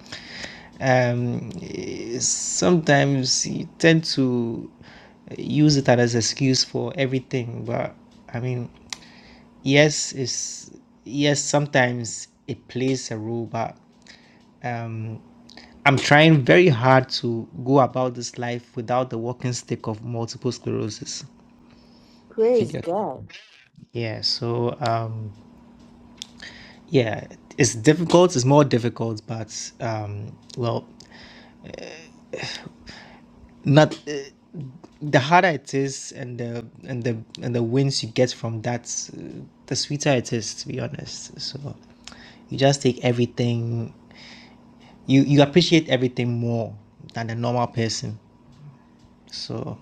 [SPEAKER 3] Um, eh, sometimes you tend to use it as an excuse for everything, but I mean, yes, it's yes sometimes it plays a role, but um, I'm trying very hard to go about this life without the walking stick of multiple sclerosis. If you
[SPEAKER 1] Praise
[SPEAKER 3] get,
[SPEAKER 1] God.
[SPEAKER 3] yeah. So, um, yeah, it's difficult. It's more difficult, but um, well, not. Uh, the harder it is, and the and the and the wins you get from that, uh, the sweeter it is. To be honest, so you just take everything. You you appreciate everything more than the normal person. So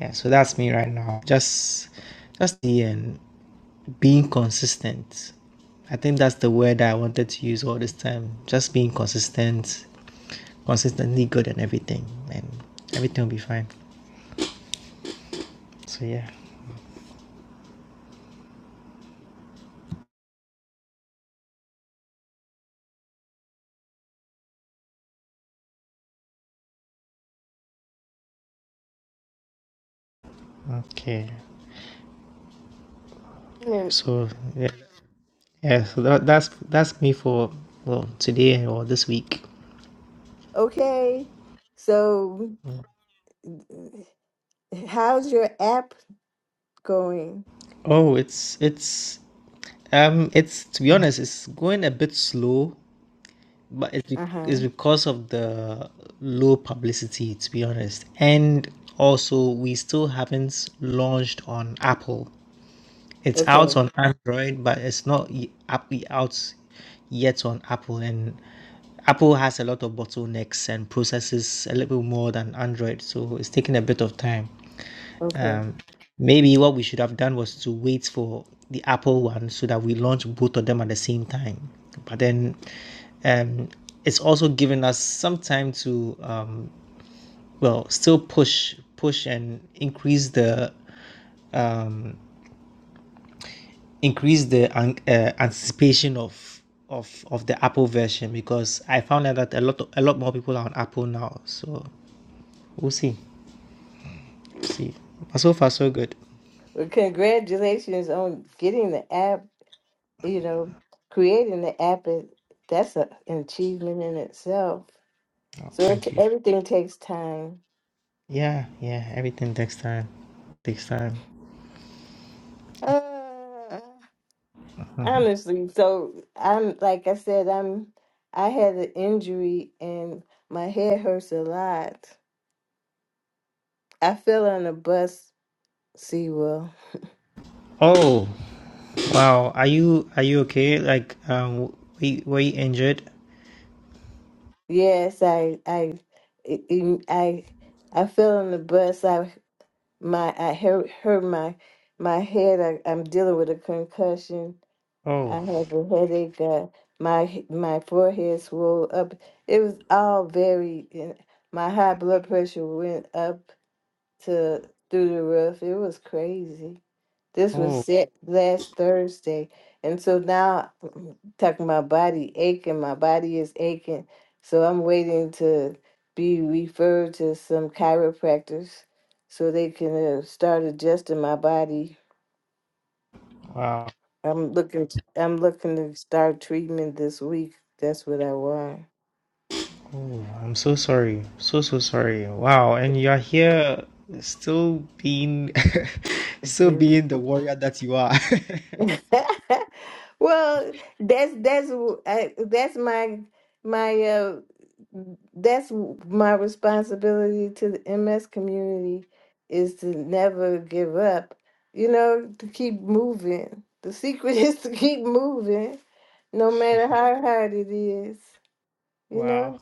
[SPEAKER 3] Yeah, so that's me right now. Just just the um, being consistent. I think that's the word that I wanted to use all this time. Just being consistent, consistently good and everything, and everything will be fine. So yeah. Okay.
[SPEAKER 1] And-
[SPEAKER 3] So yeah, yeah. So that, that's that's me for well today or this week.
[SPEAKER 1] Okay. So How's your app going?
[SPEAKER 3] Oh, it's it's um it's to be honest, it's going a bit slow but it's, be-
[SPEAKER 1] Uh huh.
[SPEAKER 3] it's because of the low publicity to be honest and also we still haven't launched on apple it's out
[SPEAKER 1] Okay.
[SPEAKER 3] on android but it's not y- up- out yet on apple and apple has a lot of bottlenecks and processes a little more than android so it's taking a bit of time
[SPEAKER 1] Okay.
[SPEAKER 3] um, maybe what we should have done was to wait for the Apple one so that we launch both of them at the same time. But then um, it's also given us some time to um, well still push push and increase the increase the an- uh, anticipation of of of the Apple version because I found out that a lot a lot more people are on Apple now. So we'll see. See, but so far so good.
[SPEAKER 1] Well, congratulations on getting the app. You know, creating the app is that's a, an achievement in itself.
[SPEAKER 3] Oh,
[SPEAKER 1] So it,
[SPEAKER 3] thank you.
[SPEAKER 1] everything takes time.
[SPEAKER 3] Yeah, yeah. Everything takes time. Takes time.
[SPEAKER 1] Uh, honestly, so I'm like I said, I'm I had an injury and my head hurts a lot. I fell on a bus, see well,
[SPEAKER 3] Oh, wow. Are you are you okay? Like, um, were were you injured?
[SPEAKER 1] Yes, I, I, it- it- I, I fell on the bus. I, my, I hurt, hurt my, my head. I, I'm dealing with a concussion. I
[SPEAKER 3] Oh,
[SPEAKER 1] have a headache. Uh, my, h- my forehead swelled up. It was all very. and My high blood pressure went up to through the roof. It was crazy. This was
[SPEAKER 3] oh,
[SPEAKER 1] set last Thursday. And so now [CLEARS THROAT] talking my body aching, my body is aching. So I'm waiting to be referred to some chiropractors so they can uh, start adjusting my body.
[SPEAKER 3] wow.
[SPEAKER 1] I'm looking I'm looking to start treatment this week. That's what I want.
[SPEAKER 3] I'm so sorry. So, so sorry. Wow. And you're here still being [LAUGHS] still being the warrior that you are. [LAUGHS]
[SPEAKER 1] [LAUGHS] well, that's that's uh, that's my my uh that's my responsibility to the MS community is to never give up. You know, to keep moving. The secret [LAUGHS] is to keep moving, no matter how hard it is. You
[SPEAKER 3] Wow.
[SPEAKER 1] know,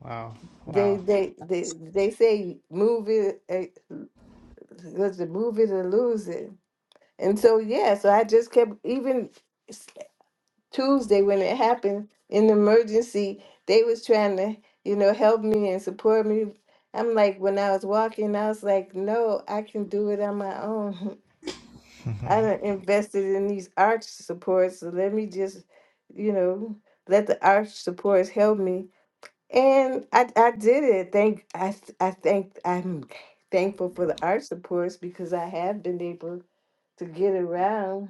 [SPEAKER 3] Wow.
[SPEAKER 1] they
[SPEAKER 3] Wow.
[SPEAKER 1] they they they say move it, eh, was it move it or lose it? And so yeah, so I just kept even Tuesday when it happened in the emergency, they was trying to, you know, help me and support me. I'm like, when I was walking, I was like, no, I can do it on my own. [LAUGHS] I done invested in these arch supports, so let me just, you know, let the arch supports help me. And I, I did it. Thank I th- I thank I'm thankful for the arch supports because I have been able to get around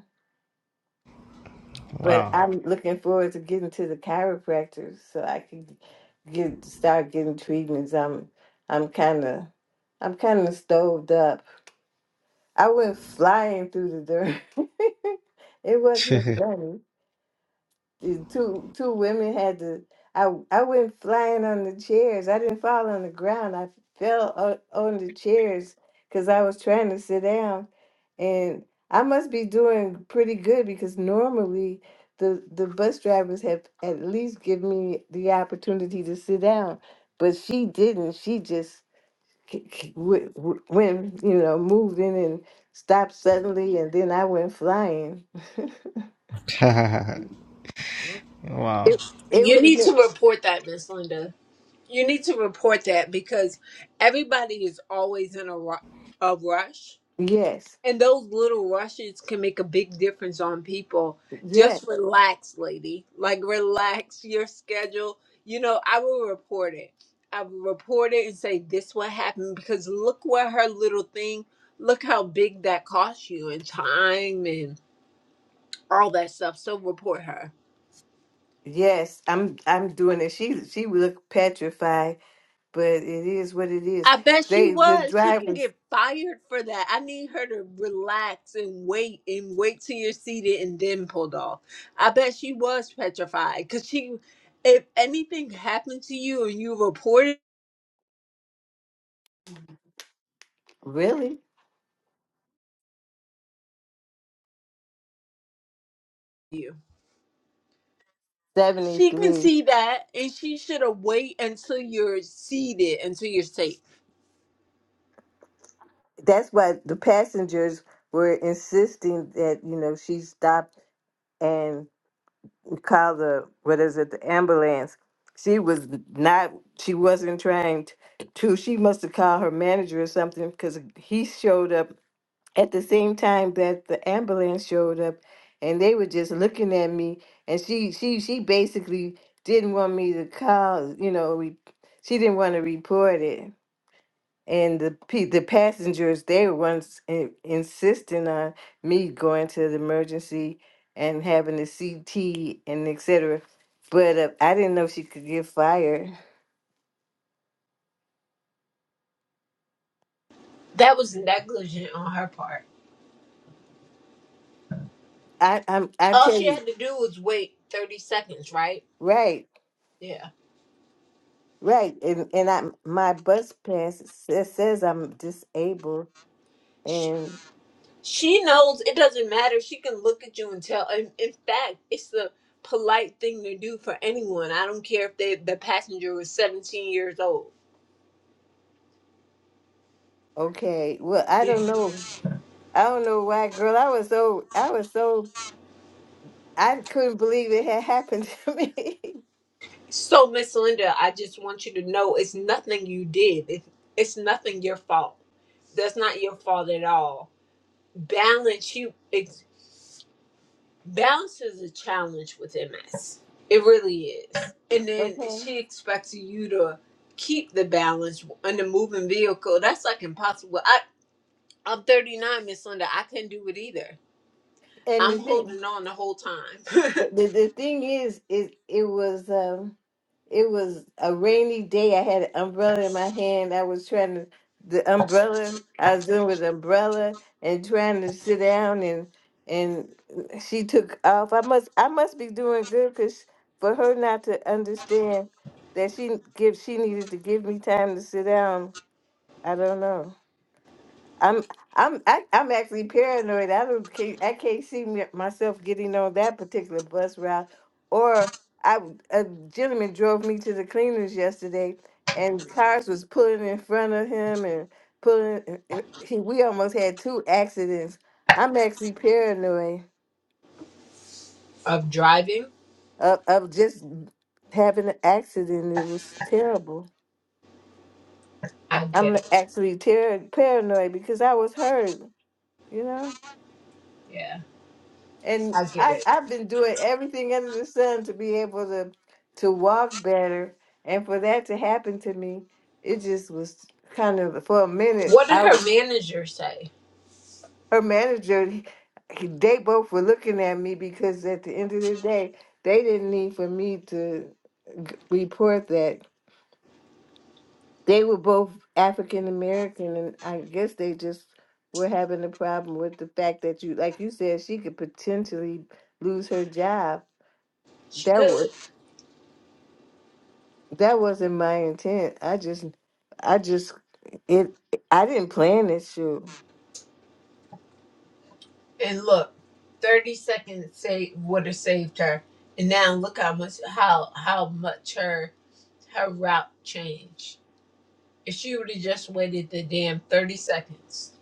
[SPEAKER 1] But
[SPEAKER 3] Wow.
[SPEAKER 1] I'm looking forward to getting to the chiropractor so I can get start getting treatments. I'm I'm kind of I'm kind of stoved up. I went flying through the dirt. [LAUGHS] it wasn't funny the two two women had to I I went flying on the chairs. I didn't fall on the ground. I fell on, on the chairs because I was trying to sit down, and I must be doing pretty good because normally the the bus drivers have at least given me the opportunity to sit down, but she didn't. She just k- k- w- w- went you know moved in and stopped suddenly, and then I went flying.
[SPEAKER 3] [LAUGHS] wow.
[SPEAKER 1] It it
[SPEAKER 2] You
[SPEAKER 1] would have
[SPEAKER 2] need
[SPEAKER 1] been
[SPEAKER 2] to report that, Miss Linda. You need to report that because everybody is always in a, ru- a rush
[SPEAKER 1] yes.
[SPEAKER 2] And those little rushes can make a big difference on people.
[SPEAKER 1] yes.
[SPEAKER 2] Just relax, lady. Like, relax your schedule. You know, I will report it. I will report it and say, this what happened because look what her little thing, look how big that cost you and time and all that stuff. So report her.
[SPEAKER 1] Yes, I'm I'm doing it. She she looked petrified, but it is what it is.
[SPEAKER 2] I bet she
[SPEAKER 1] They the
[SPEAKER 2] was. She can
[SPEAKER 1] drivers
[SPEAKER 2] get fired for that. I need her to relax and wait and wait till you're seated and then pulled off. I bet she was petrified because she, if anything happened to you and you reported
[SPEAKER 1] really
[SPEAKER 2] you, she can
[SPEAKER 1] 73.
[SPEAKER 2] see that and she should have wait until you're seated until you're safe.
[SPEAKER 1] That's why the passengers were insisting that, you know, she stop and call the what is it, the ambulance. She was not she wasn't trying t- to. She must have called her manager or something because he showed up at the same time that the ambulance showed up and they were just looking at me and she she she basically didn't want me to call you know re- she didn't want to report it and the pe- the passengers they were once in, insisting on me going to the emergency and having the CT and etc but uh, I didn't know she could get fired
[SPEAKER 2] That was negligent on her part.
[SPEAKER 1] I I'm, I
[SPEAKER 2] All
[SPEAKER 1] tell
[SPEAKER 2] she
[SPEAKER 1] you
[SPEAKER 2] had to do was wait 30 seconds, right?
[SPEAKER 1] right
[SPEAKER 2] Yeah.
[SPEAKER 1] Right, and and I my bus pass says, says I'm disabled, and
[SPEAKER 2] She knows it doesn't matter. She can look at you and tell. In, in fact, it's the polite thing to do for anyone. I don't care if they, the passenger was 17 years old.
[SPEAKER 1] okay, well I
[SPEAKER 2] Yeah.
[SPEAKER 1] don't know, I don't know why, girl. I was so I was so I couldn't believe it had happened to me. [LAUGHS]
[SPEAKER 2] So, Miss Linda, I just want you to know it's nothing you did. It, it's nothing your fault. That's not your fault at all. Balance you. It's, balance is a challenge with MS. It really is. And then
[SPEAKER 1] Okay,
[SPEAKER 2] she expects you to keep the balance on the moving vehicle. That's like impossible. I, I'm 39, Miss Linda. I couldn't do it either.
[SPEAKER 1] and
[SPEAKER 2] I'm
[SPEAKER 1] the thing
[SPEAKER 2] holding on the whole time. [LAUGHS]
[SPEAKER 1] But the, the thing is, is it was um, it was a rainy day. I had an umbrella in my hand. I was trying to the umbrella. I was doing with the umbrella and trying to sit down, and and she took off. I must I must be doing good because for her not to understand that she give she needed to give me time to sit down. I don't know. I'm I'm I, I'm actually paranoid. I don't can I can't see me, myself getting on that particular bus route. Or I a gentleman drove me to the cleaners yesterday, and cars was pulling in front of him and pulling. eh, He, we almost had two accidents. I'm actually paranoid
[SPEAKER 2] of driving.
[SPEAKER 1] of, of just having an accident. It was terrible. I,
[SPEAKER 2] I get
[SPEAKER 1] I'm
[SPEAKER 2] it.
[SPEAKER 1] actually ter- paranoid because I was hurt. You know.
[SPEAKER 2] Yeah,
[SPEAKER 1] and
[SPEAKER 2] I get
[SPEAKER 1] I
[SPEAKER 2] it.
[SPEAKER 1] I've been doing everything under the sun to be able to to walk better, and for that to happen to me, it just was kind of for a minute.
[SPEAKER 2] What did
[SPEAKER 1] I was
[SPEAKER 2] her manager say?
[SPEAKER 1] her manager. he- They both were looking at me because at the end of the day, they didn't need for me to g- report that they were both African American, and I guess they just were having a problem with the fact that you, like you said, she could potentially lose her job.
[SPEAKER 2] She
[SPEAKER 1] That
[SPEAKER 2] could.
[SPEAKER 1] was That wasn't my intent. I just, I just, it. I didn't plan this shoot.
[SPEAKER 2] And look, 30 seconds say would have saved her. And now look how much how how much her her route changed. If she would have just waited the damn 30 seconds.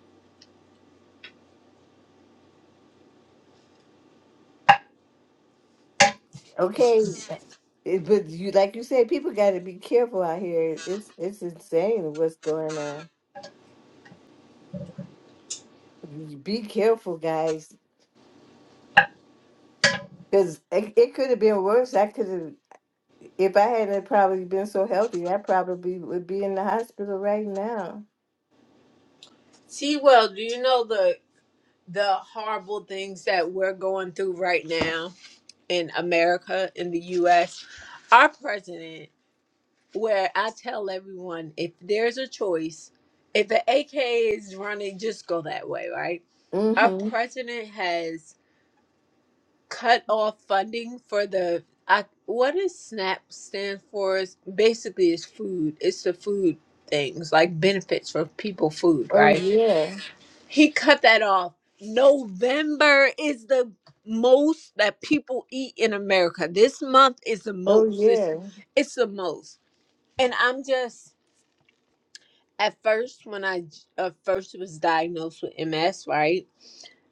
[SPEAKER 1] Okay, it- but you, like you said, people got to be careful out here. It's it's insane what's going on. Be careful, guys. Because it, it could have been worse. I could have, if I hadn't probably been so healthy, I probably would be in the hospital right now.
[SPEAKER 2] See, well, do you know the the horrible things that we're going through right now? in America, in the US, our president, where I tell everyone if there's a choice, if the AK is running, just go that way, right? Our
[SPEAKER 1] Mm-hmm.
[SPEAKER 2] president has cut off funding for the I, what does SNAP stand for? Is basically it's food. It's the food things like benefits for people, food,
[SPEAKER 1] Oh,
[SPEAKER 2] right?
[SPEAKER 1] yeah.
[SPEAKER 2] He cut that off. November is the most that people eat in America. This month is the
[SPEAKER 1] Oh,
[SPEAKER 2] most.
[SPEAKER 1] yeah.
[SPEAKER 2] It's, it's the most. And I'm just, at first, when I uh, first was diagnosed with MS, right?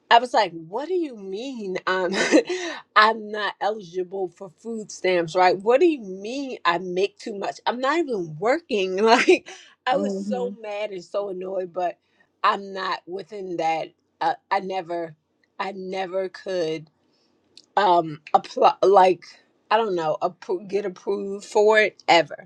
[SPEAKER 2] I was like, what do you mean I'm [LAUGHS] I'm not eligible for food stamps, right? What do you mean I make too much? I'm not even working. [LAUGHS] Like I was
[SPEAKER 1] Mm-hmm.
[SPEAKER 2] so mad and so annoyed, but I'm not within that. Uh, I never I never could um apply like I don't know, appro- get approved for it ever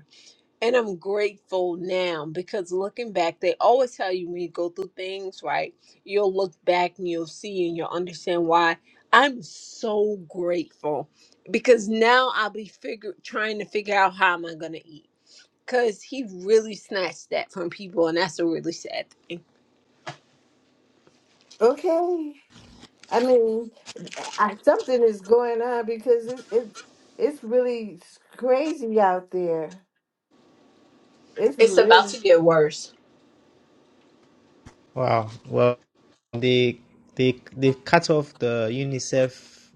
[SPEAKER 2] and I'm grateful now because looking back, they always tell you when you go through things, right? You'll look back and you'll see and you'll understand why. I'm so grateful because now I'll be figure trying to figure out how am I gonna eat. Cause he really snatched that from people, and that's a really sad. thing.
[SPEAKER 1] Okay. I mean, I, something is going on because it, it's it's really crazy out there. It's
[SPEAKER 2] It's about
[SPEAKER 1] really,
[SPEAKER 2] to get worse.
[SPEAKER 3] Wow. Well, they they they've cut off the UNICEF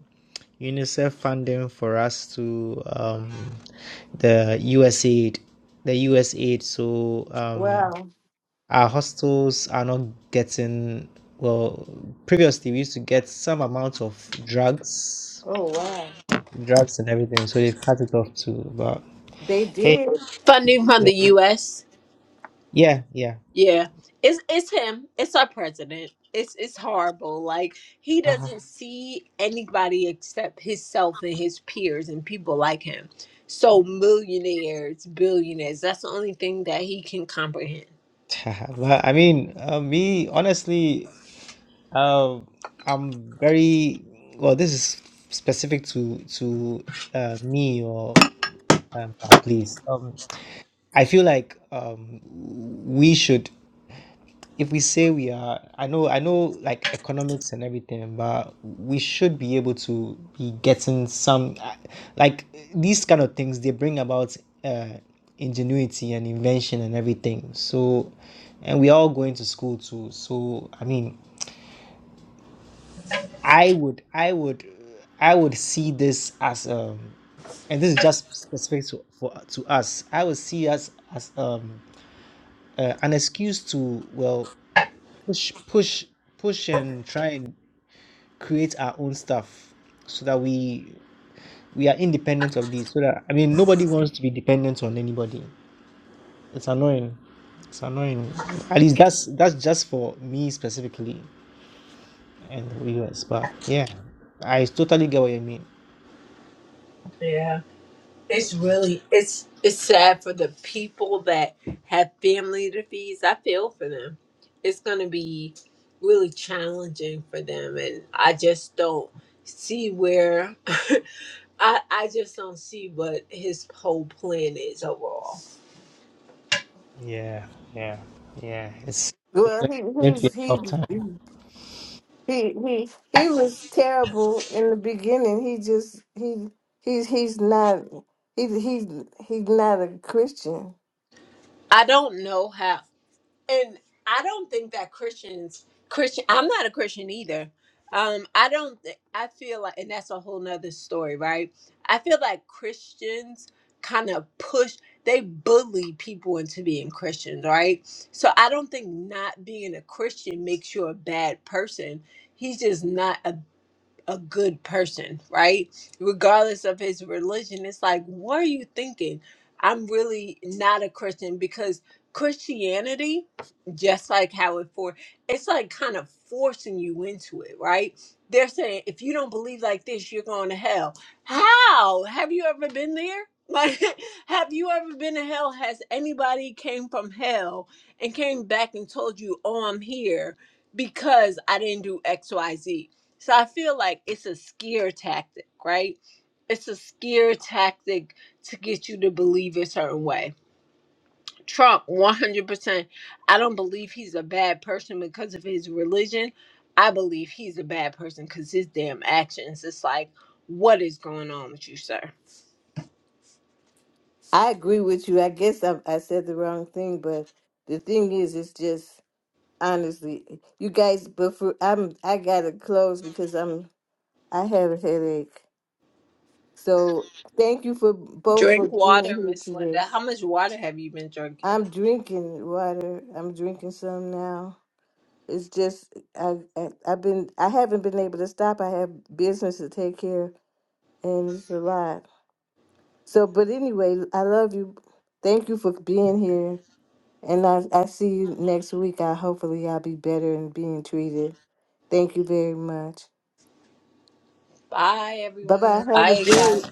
[SPEAKER 3] UNICEF funding for us to um, the USAID the USAID so um,
[SPEAKER 1] wow.
[SPEAKER 3] our hostels are not getting well previously we used to get some amount of drugs
[SPEAKER 1] Oh, wow.
[SPEAKER 3] drugs and everything so they've cut it off too but
[SPEAKER 1] They
[SPEAKER 3] hey
[SPEAKER 1] did.
[SPEAKER 2] Funding from
[SPEAKER 3] yeah
[SPEAKER 2] the U.S.
[SPEAKER 3] yeah yeah.
[SPEAKER 2] Yeah, it's it's him. It's our president. It's it's horrible. Like he
[SPEAKER 3] [LAUGHS]
[SPEAKER 2] doesn't see anybody except himself and his peers and people like him. So millionaires, billionaires. That's the only thing that he can comprehend.
[SPEAKER 3] but I mean uh, me honestly Um, I'm very well. This is specific to to uh, me or um, our place. Um, I feel like um, we should, if we say we are, I know, I know, like economics and everything, but we should be able to be getting some, uh, like these kind of things. They bring about uh, ingenuity and invention and everything. So, and we are all going to school too. So, I mean, I would, I would, I would see this as um, and this is just specific to for to us. I would see us as um uh, an excuse to well push, push, push, and try and create our own stuff so that we we are independent of these. So that I mean, nobody wants to be dependent on anybody. It's annoying. It's annoying. At least that's that's just for me specifically and the US. But yeah, I totally get what you mean.
[SPEAKER 2] Yeah. It's really it's it's sad for the people that have family to feed. I feel for them. It's gonna be really challenging for them, and I just don't see where. [LAUGHS] I, I just don't see what his whole plan is overall.
[SPEAKER 3] Yeah, yeah, yeah. It's, it's
[SPEAKER 1] Well, he,
[SPEAKER 3] going to be a
[SPEAKER 1] he's,
[SPEAKER 3] tough time.
[SPEAKER 1] he, he he he was terrible in the beginning. He just he he's he's not he he's he's not a Christian.
[SPEAKER 2] I don't know how, and I don't think that Christians Christian. I'm not a Christian either. Um, I don't. thi- I feel like, and that's a whole nother story, right? I feel like Christians kind of push. They bully people into being Christians, right? So I don't think not being a Christian makes you a bad person. He's just not. a good person, right? Regardless of his religion, it's like, what are you thinking? I'm really not a Christian because Christianity, just like how it for, it's like kind of forcing you into it, right? They're saying if you don't believe like this, you're going to hell. How? Have you ever been there? [LAUGHS] Like, have you ever been to hell? Has anybody came from hell and came back and told you, "Oh, I'm here"? because I didn't do X, Y, Z." So I feel like it's a scare tactic, right? It's a scare tactic to get you to believe a certain way. Trump, 100%. I don't believe he's a bad person because of his religion. I believe he's a bad person because his damn actions. It's like, what is going on with you, sir?
[SPEAKER 1] I agree with you. I guess I I said the wrong thing, but the thing is, it's just honestly, you guys. But for I'm I gotta close because I'm I have a headache. So thank you for both for
[SPEAKER 2] Drink
[SPEAKER 1] being
[SPEAKER 2] water,
[SPEAKER 1] here
[SPEAKER 2] Miss
[SPEAKER 1] today.
[SPEAKER 2] Linda. How much water have you been drinking?
[SPEAKER 1] I'm drinking water. I'm drinking some now. it's just I, I I've been I haven't been able to stop. I have business to take care, of, and it's a lot. So, but anyway, I love you. Thank you for being here, and I I see you next week. I hopefully I'll be better and being treated. Thank you very much.
[SPEAKER 2] Bye,
[SPEAKER 1] Bye bye.
[SPEAKER 2] everyone.
[SPEAKER 1] Have a
[SPEAKER 2] Bye,
[SPEAKER 1] great
[SPEAKER 2] guys.